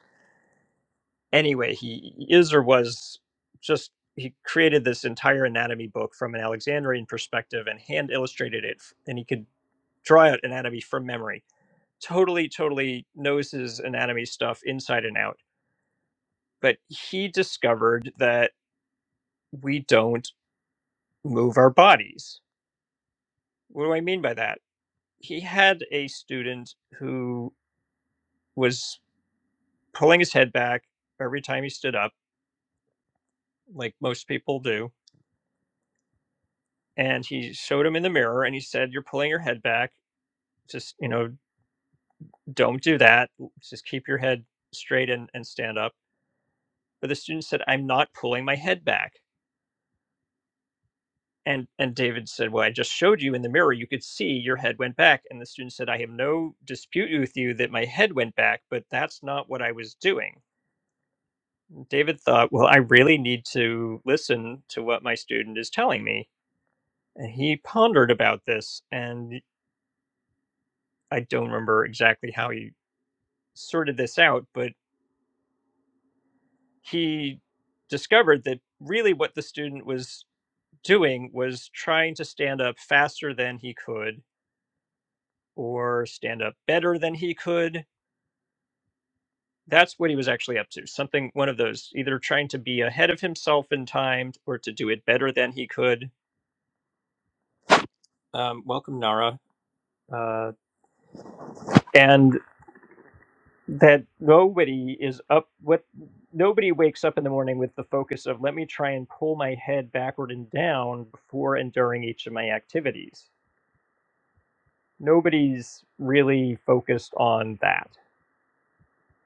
S1: Anyway, he is or was just he created this entire anatomy book from an Alexandrian perspective and hand illustrated it, and he could draw out anatomy from memory. Totally, totally knows his anatomy stuff inside and out. But he discovered that we don't move our bodies. What do I mean by that? he had a student who was pulling his head back every time he stood up, like most people do. And he showed him in the mirror and he said, You're pulling your head back. Just, you know, don't do that. Just keep your head straight and, and stand up. But the student said, I'm not pulling my head back. And and David said, Well, I just showed you in the mirror. You could see your head went back. And the student said, I have no dispute with you that my head went back, but that's not what I was doing David thought, well, I really need to listen to what my student is telling me. And he pondered about this. And I don't remember exactly how he sorted this out, but he discovered that really what the student was doing was trying to stand up faster than he could or stand up better than he could. That's what he was actually up to. Something, one of those, either trying to be ahead of himself in time or to do it better than he could. Um, welcome, Nara. Uh, and that nobody is up with nobody wakes up in the morning with the focus of let me try and pull my head backward and down before and during each of my activities nobody's really focused on that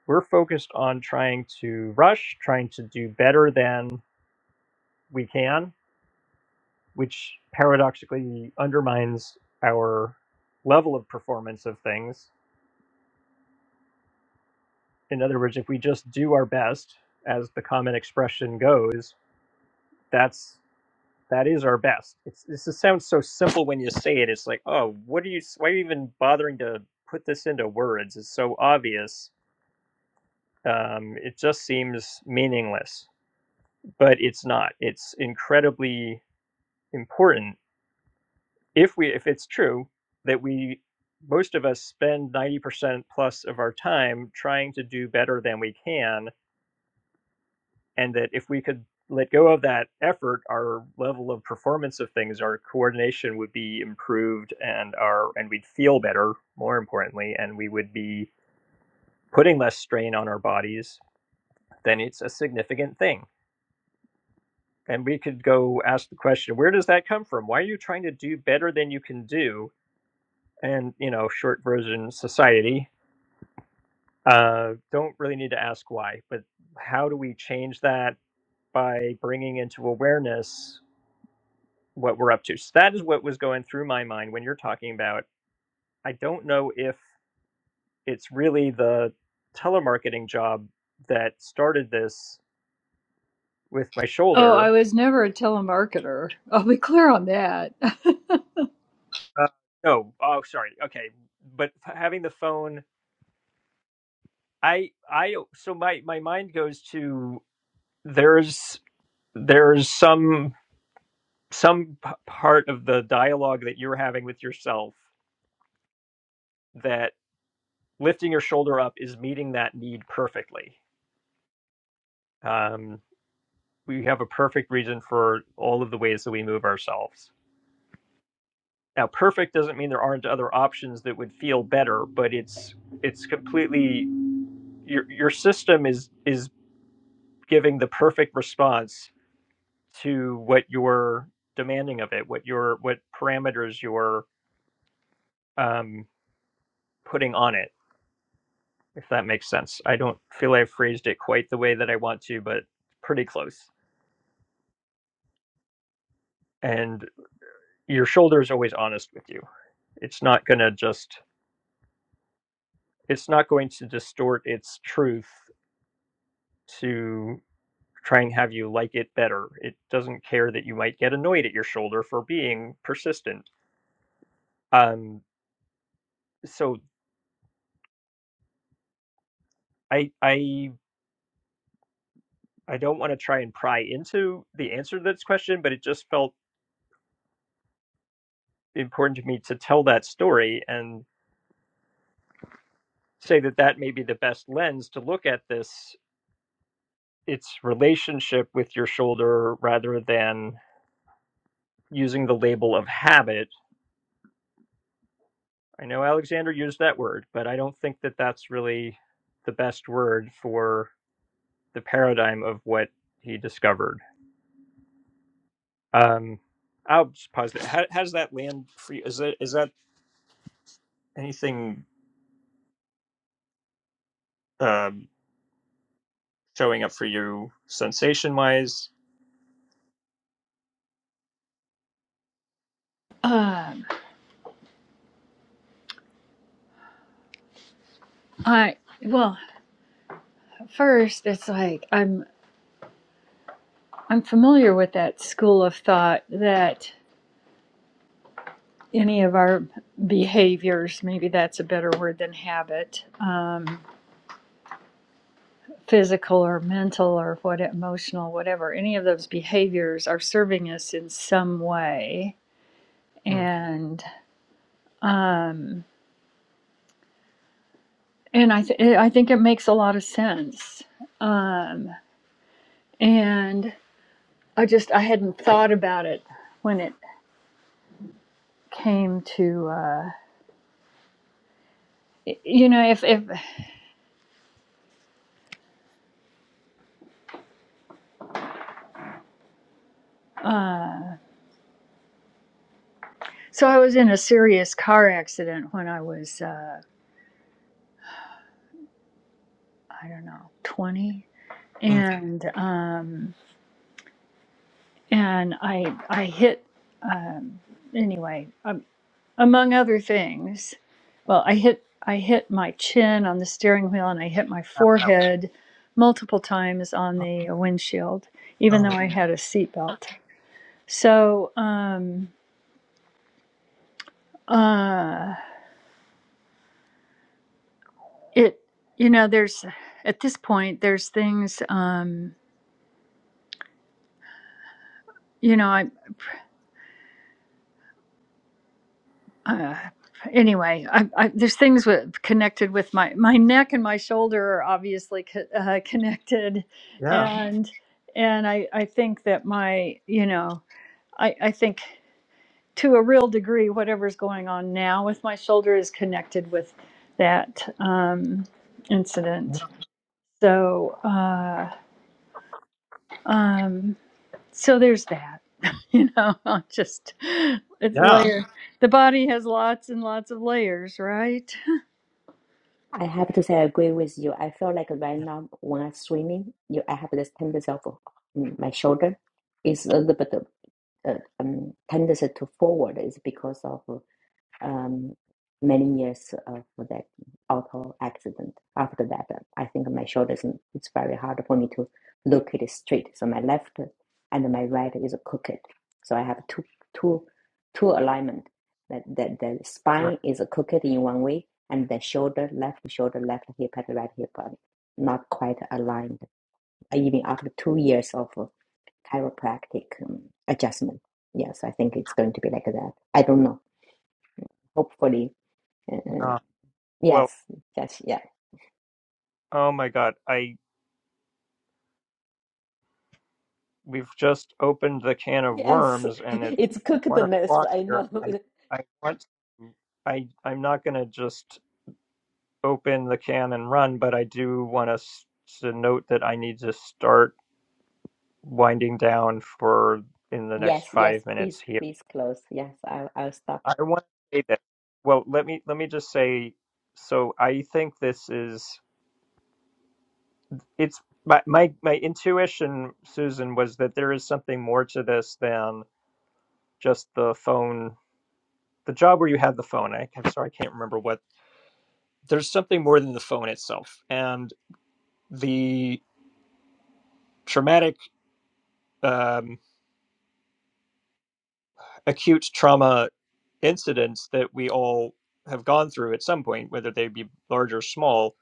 S1: we're focused on trying to rush trying to do better than we can which paradoxically undermines our level of performance of things in other words if we just do our best as the common expression goes that's That is our best. It's this is, sounds so simple when you say it. It's like, oh, what are you? Why are you even bothering to put this into words? It's so obvious. Um, it just seems meaningless, but it's not. It's incredibly important if we if it's true that we most of us spend ninety percent plus of our time trying to do better than we can and that if we could let go of that effort, our level of performance of things, our coordination would be improved, and our and we'd feel better. More importantly, and we would be putting less strain on our bodies. Then it's a significant thing, and we could go ask the question: Where does that come from? Why are you trying to do better than you can do? And you know, short version, society uh, don't really need to ask why, but how do we change that by bringing into awareness what we're up to. So that is what was going through my mind when you're talking about. I don't know if it's really the telemarketing job that started this with my
S2: Oh, I
S1: shoulder.
S2: was never a telemarketer. I'll be clear on that.
S1: Uh, no, oh, sorry. Okay, but having the phone, I, I, so my my mind goes to there's there's some some p- part of the dialogue that you're having with yourself that lifting your shoulder up is meeting that need perfectly Um, we have a perfect reason for all of the ways that we move ourselves. Now, perfect doesn't mean there aren't other options that would feel better, but it's it's completely your your system is is giving the perfect response to what you're demanding of it, what your what parameters you're um, putting on it. If that makes sense, I don't feel I have phrased it quite the way that I want to, but pretty close. And your shoulder is always honest with you. It's not gonna just it's not going to distort its truth to try and have you like it better. It doesn't care that you might get annoyed at your shoulder for being persistent. Um, so I I I don't want to try and pry into the answer to this question, but it just felt important to me to tell that story and say that that may be the best lens to look at this its relationship with your shoulder rather than using the label of habit I know Alexander used that word, but I don't think that that's really the best word for the paradigm of what he discovered. Um, I'll just pause there. How, how does that land for you? Is that is that anything um, showing up for you sensation wise?
S2: um, I well, first it's like I'm I'm familiar with that school of thought that. any of our behaviors, maybe that's a better word than habit, um, physical or mental or what emotional, whatever, any of those behaviors are serving us in some way,
S1: Mm,
S2: and um, and I th- I think it makes a lot of sense, um, and I just I hadn't thought about it when it came to uh, you know if if. Uh, so I was in a serious car accident when I was uh, I don't know, 20.
S1: mm,
S2: And um, and I I hit um, anyway, um, among other things. Well, I hit I hit my chin on the steering wheel and I hit my
S1: ow, ow,
S2: forehead multiple times on
S1: ow,
S2: the windshield, even
S1: oh
S2: though
S1: my-
S2: I had a seatbelt. So um, uh, it you know there's at this point there's things um, you know I. uh, anyway, I, I, there's things with, connected with my my neck and my shoulder are obviously co- uh, connected,
S1: yeah,
S2: and and I I think that my you know I I think to a real degree whatever's going on now with my shoulder is connected with that um,
S1: yeah,
S2: incident. So uh, um, so there's that. You know, I'll just it's
S1: yeah.
S2: layer. The body has lots and lots of layers, right?
S3: I have to say, I agree with you. I feel like right now when I'm swimming, you, I have this tendency of mm, my shoulder is a little bit uh, um, tendency to forward. Is because of uh, um, many years uh, for that auto accident. After that, uh, I think my shoulders, mm, it's very hard for me to look it straight. So my left and my right is crooked. So I have two, two, two alignment. That, that the
S1: yeah.
S3: spine is crooked in one way and the shoulder, left shoulder, left hip and right hip are not quite aligned. Even after two years of uh, chiropractic um, adjustment. Yes, I think it's going to be like that. I don't know. Hopefully, uh,
S1: yeah. Well,
S3: Yes, yes, yeah,
S1: oh my God, I we've just opened the can of
S3: yes.
S1: worms and it's
S3: It's cooked
S1: one o'clock
S3: I
S1: here.
S3: know.
S1: I, I want I I'm not going to just open the can and run, but I do want us to note that I need to start winding down for in the next
S3: Yes, yes.
S1: five minutes
S3: Please,
S1: here.
S3: please close. Yes, I'll, I'll stop.
S1: I want to say that. Well, let me let me just say. So I think this is it's my my my intuition, Susan, was that there is something more to this than just the phone the job where you have the phone. I, I'm sorry, I can't remember what. There's something more than the phone itself, and the traumatic, um, acute trauma incidents that we all have gone through at some point, whether they be large or small.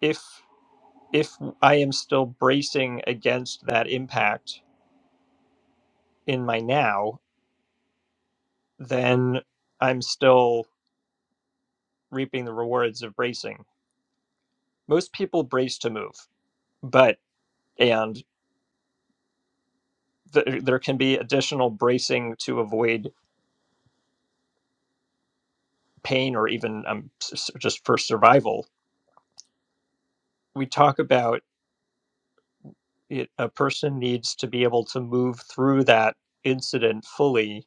S1: If if I am still bracing against that impact in my now, then I'm still reaping the rewards of bracing. Most people brace to move, but and th- there can be additional bracing to avoid pain or even um, just for survival. We talk about it, a person needs to be able to move through that incident fully.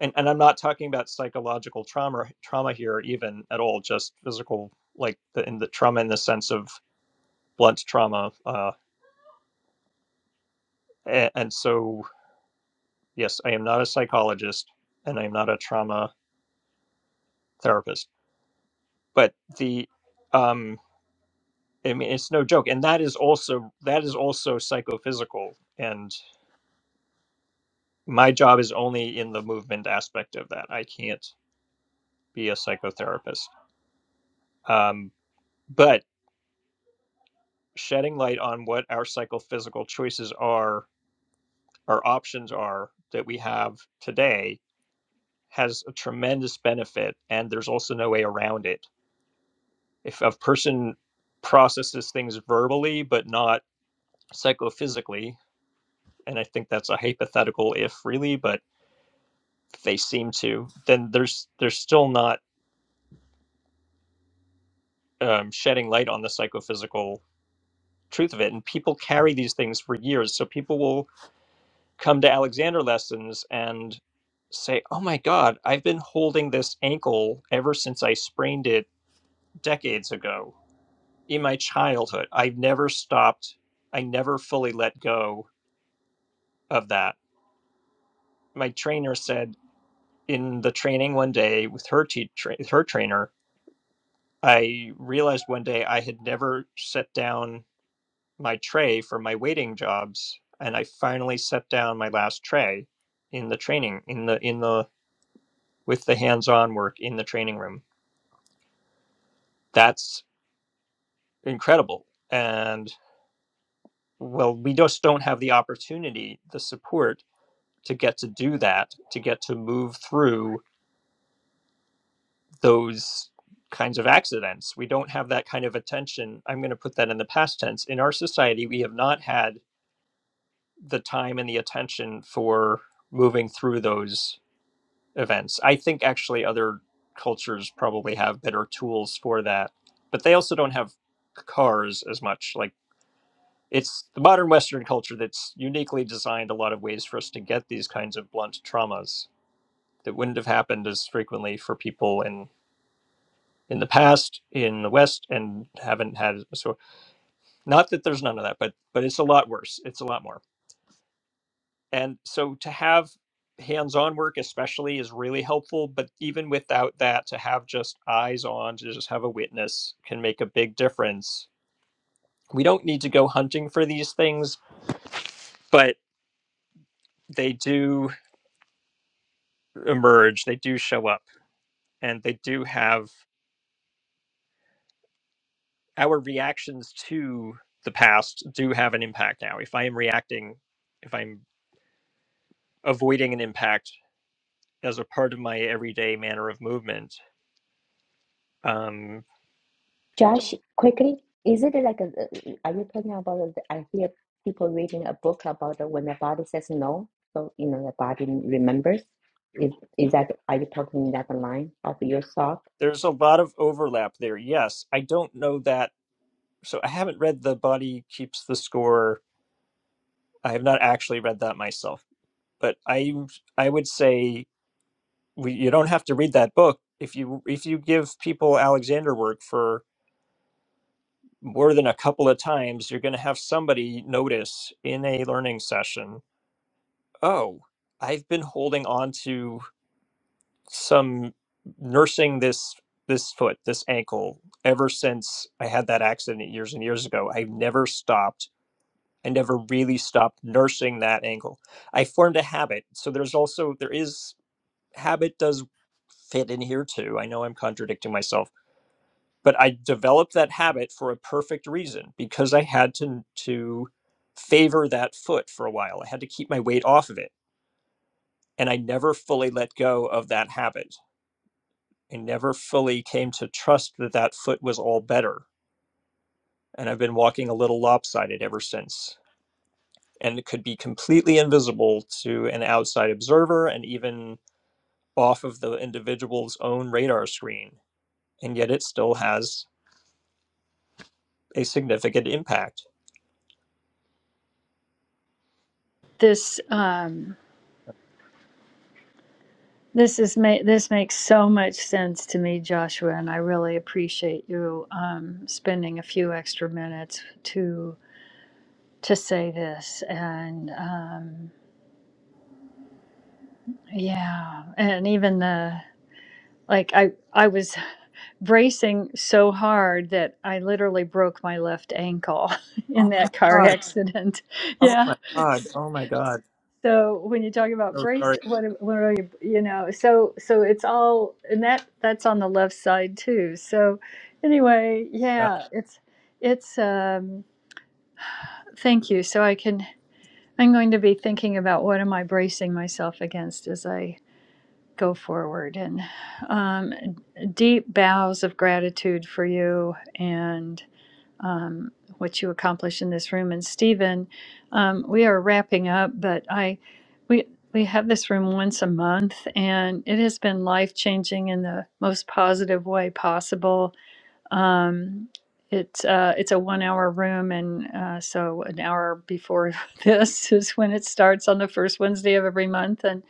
S1: And, and I'm not talking about psychological trauma trauma here even at all, just physical like the, in the trauma in the sense of blunt trauma. Uh, and, and so yes, I am not a psychologist and I am not a trauma therapist, but the um, I mean, it's no joke, and that is also that is also psychophysical, and my job is only in the movement aspect of that. I can't be a psychotherapist. Um, but shedding light on what our psychophysical choices are, our options are that we have today has a tremendous benefit. And there's also no way around it. If a person processes things verbally, but not psychophysically, and I think that's a hypothetical if really, but if they seem to, then there's, there's still not um, shedding light on the psychophysical truth of it. And people carry these things for years. So people will come to Alexander lessons and say, Oh my God, I've been holding this ankle ever since I sprained it decades ago in my childhood. I've never stopped, I never fully let go of that. My trainer said in the training one day with her teacher, her trainer, I realized one day I had never set down my tray for my waiting jobs and i finally set down my last tray in the training in the in the with the hands-on work in the training room that's incredible and well we just don't have the opportunity the support to get to do that to get to move through those kinds of accidents we don't have that kind of attention i'm going to put that in the past tense in our society we have not had the time and the attention for moving through those events. I think actually other cultures probably have better tools for that, but they also don't have cars as much. Like it's the modern Western culture that's uniquely designed a lot of ways for us to get these kinds of blunt traumas that wouldn't have happened as frequently for people in in the past in the West and haven't had so not that there's none of that, but but it's a lot worse. It's a lot more. And so to have hands on work, especially, is really helpful. But even without that, to have just eyes on, to just have a witness can make a big difference. We don't need to go hunting for these things, but they do emerge, they do show up, and they do have our reactions to the past do have an impact now. If I am reacting, if I'm avoiding an impact as a part of my everyday manner of movement, um.
S3: Josh, quickly, is it like a? Are you talking about? the- I hear people reading a book about the, when the body says no, so you know the body remembers. Is is that? Are you talking that line of your thought?
S1: There's a lot of overlap there. Yes, I don't know that. So I haven't read The Body Keeps the Score. I have not actually read that myself, but I I would say we, you don't have to read that book if you if you give people Alexander work for more than a couple of times, you're going to have somebody notice in a learning session. Oh, I've been holding on to. some nursing this this foot, this ankle, ever since I had that accident years and years ago. I've never stopped. I never really stopped nursing that ankle. I formed a habit. So there's also there is habit does fit in here too. I know I'm contradicting myself, but I developed that habit for a perfect reason because I had to to favor that foot for a while. I had to keep my weight off of it, and I never fully let go of that habit I never fully came to trust that that foot was all better. And I've been walking a little lopsided ever since. And it could be completely invisible to an outside observer and even off of the individual's own radar screen. And yet it still has a significant impact.
S2: This um this is ma- this makes so much sense to me, Joshua, and I really appreciate you um, spending a few extra minutes to to say this. And um, yeah, and even the like, I I was bracing so hard that I literally broke my left ankle
S1: Oh
S2: in
S1: my
S2: that car
S1: God.
S2: accident.
S1: Oh
S2: Yeah,
S1: my God. Oh my God.
S2: so when you talk about
S1: So sorry.
S2: brace what are- what are you you know so so it's all and that that's on the left side too so anyway
S1: God.
S2: yeah it's it's um thank you so i can i'm going to be thinking about what am i bracing myself against as i go forward and um deep bows of gratitude for you and um, what you accomplish in this room. And Stephen, um, we are wrapping up, but I we we have this room once a month, and it has been life changing in the most positive way possible. Um, it's uh, it's a one hour room, and uh, so an hour before this is when it starts on the first Wednesday of every month. And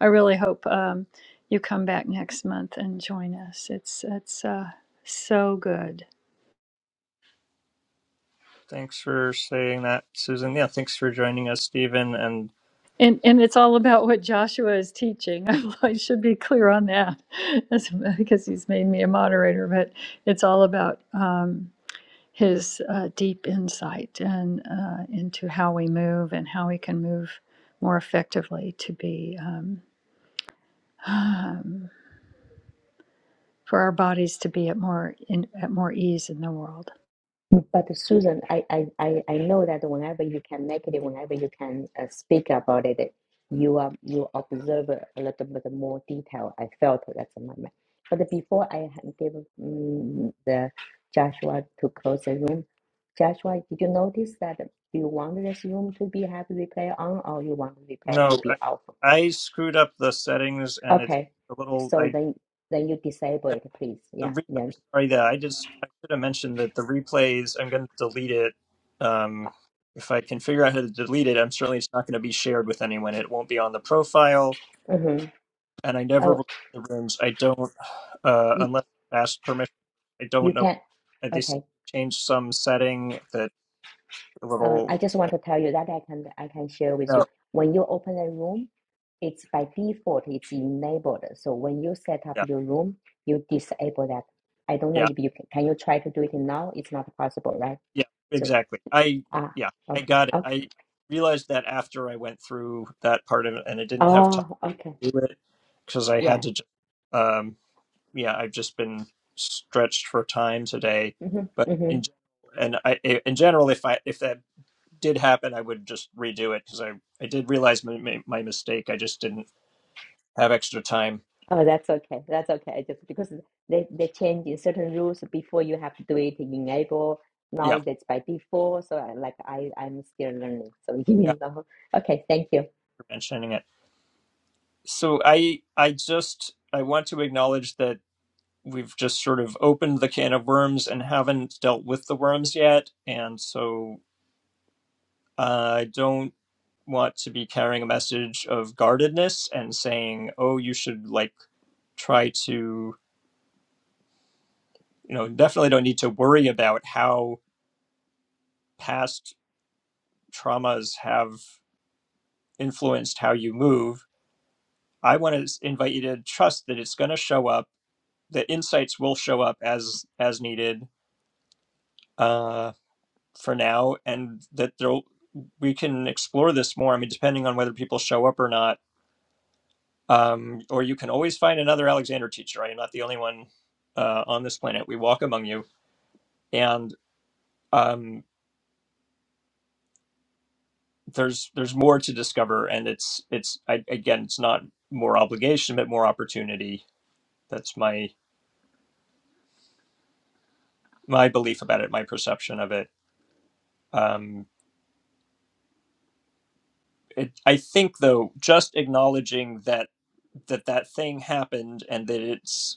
S2: I really hope um, you come back next month and join us. It's it's uh, so good.
S1: Thanks for saying that, Susan. Yeah, thanks for joining us, Stephen. And
S2: And and it's all about what Joshua is teaching. I should be clear on that, as- because he's made me a moderator. But it's all about um, his uh, deep insight and uh, into how we move and how we can move more effectively to be um, um, for our bodies to be at more in, at more ease in the world.
S3: But Susan, I, I, I, I know that whenever you can make it, whenever you can uh, speak about it, you um, you observe a little bit more detail. I felt that's my mind. But before I ha- give mm the Joshua to close the room, Joshua, did you notice that you want this room to be have replay on or you want replay
S1: no,
S3: to be off?
S1: I, I screwed up the settings and it's
S3: Okay,
S1: a little.
S3: so
S1: I
S3: then then you disable it, please.
S1: the
S3: Yeah,
S1: re-
S3: then
S1: I'm sorry that I just I should have mentioned that the replays I'm going to delete it. Um,
S3: uh,
S1: if I can figure out how to delete it, I'm certainly it's not going to be shared with anyone. It won't be on the profile,
S3: mhm.
S1: and I never
S3: Oh,
S1: record the rooms. I don't uh,
S3: you,
S1: unless I ask permission. I don't
S3: you
S1: know.
S3: can.
S1: I just
S3: Okay.
S1: changed some setting that a
S3: Uh, I
S1: little.
S3: just
S1: I,
S3: want to tell you that I can I can share with
S1: no,
S3: you. When you open a room, it's by default it's enabled. So when you set up
S1: yeah,
S3: your room, you disable that. I don't know
S1: yeah,
S3: if you can, can you try to do it now. It's not possible, right?
S1: yeah,
S3: So
S1: exactly. I
S3: ah,
S1: yeah, I
S3: okay,
S1: got it.
S3: okay.
S1: I realized that after I went through that part of it, and I didn't have time.
S3: Oh, okay,
S1: do it because I had
S3: yeah.
S1: to. Just, um, yeah, I've just been stretched for time today,
S3: hmm
S1: but
S3: hmm
S1: in gen- and I in general, if I if that did happen, I would just redo it because I I did realize my, my my mistake. I just didn't have extra time.
S3: Oh, that's okay. That's okay. I just because they they change in certain rules before you have to do it enable.
S1: Yeah,
S3: Now that's by default. So I, like I I'm still learning. So
S1: yeah,
S3: you know. Okay, thank you.
S1: for mentioning it. So I I just I want to acknowledge that we've just sort of opened the can of worms and haven't dealt with the worms yet, and so uh, I don't. want to be carrying a message of guardedness and saying, oh, you should like try to, you know, definitely don't need to worry about how past traumas have influenced how you move. I want to invite you to trust that it's going to show up, that insights will show up as as needed uh, for now, and that there'll we can explore this more. I mean, depending on whether people show up or not Um, or you can always find another Alexander teacher. I am not the only one uh, on this planet. We walk among you, and um, there's there's more to discover. And it's it's I, again, it's not more obligation, but more opportunity. That's my my belief about it, my perception of it. Um, it I think though, just acknowledging that that that thing happened and that it's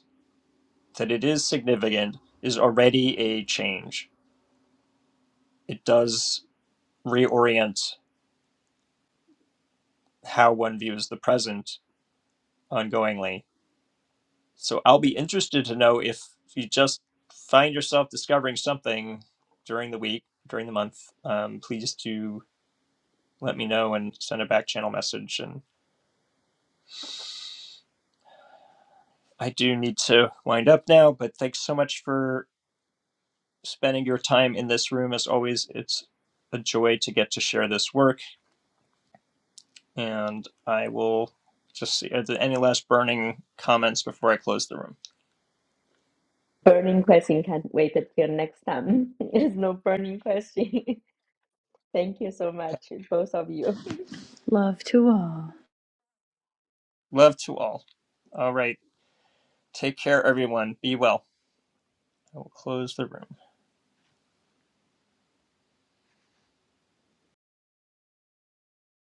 S1: that it is significant is already a change. It does reorient how one views the present ongoingly. So I'll be interested to know if you just find yourself discovering something during the week, during the month, um, please do let me know and send a back channel message. And I do need to wind up now, but thanks so much for spending your time in this room. As always, it's a joy to get to share this work. And I will just see, are there any last burning comments before I close the room?
S3: Burning question. Can't wait until next time. There's no burning question. Thank you so
S1: Okay.
S3: much, both of you.
S2: Love to all.
S1: Love to all. All right. Take care, everyone. Be well. I will close the room.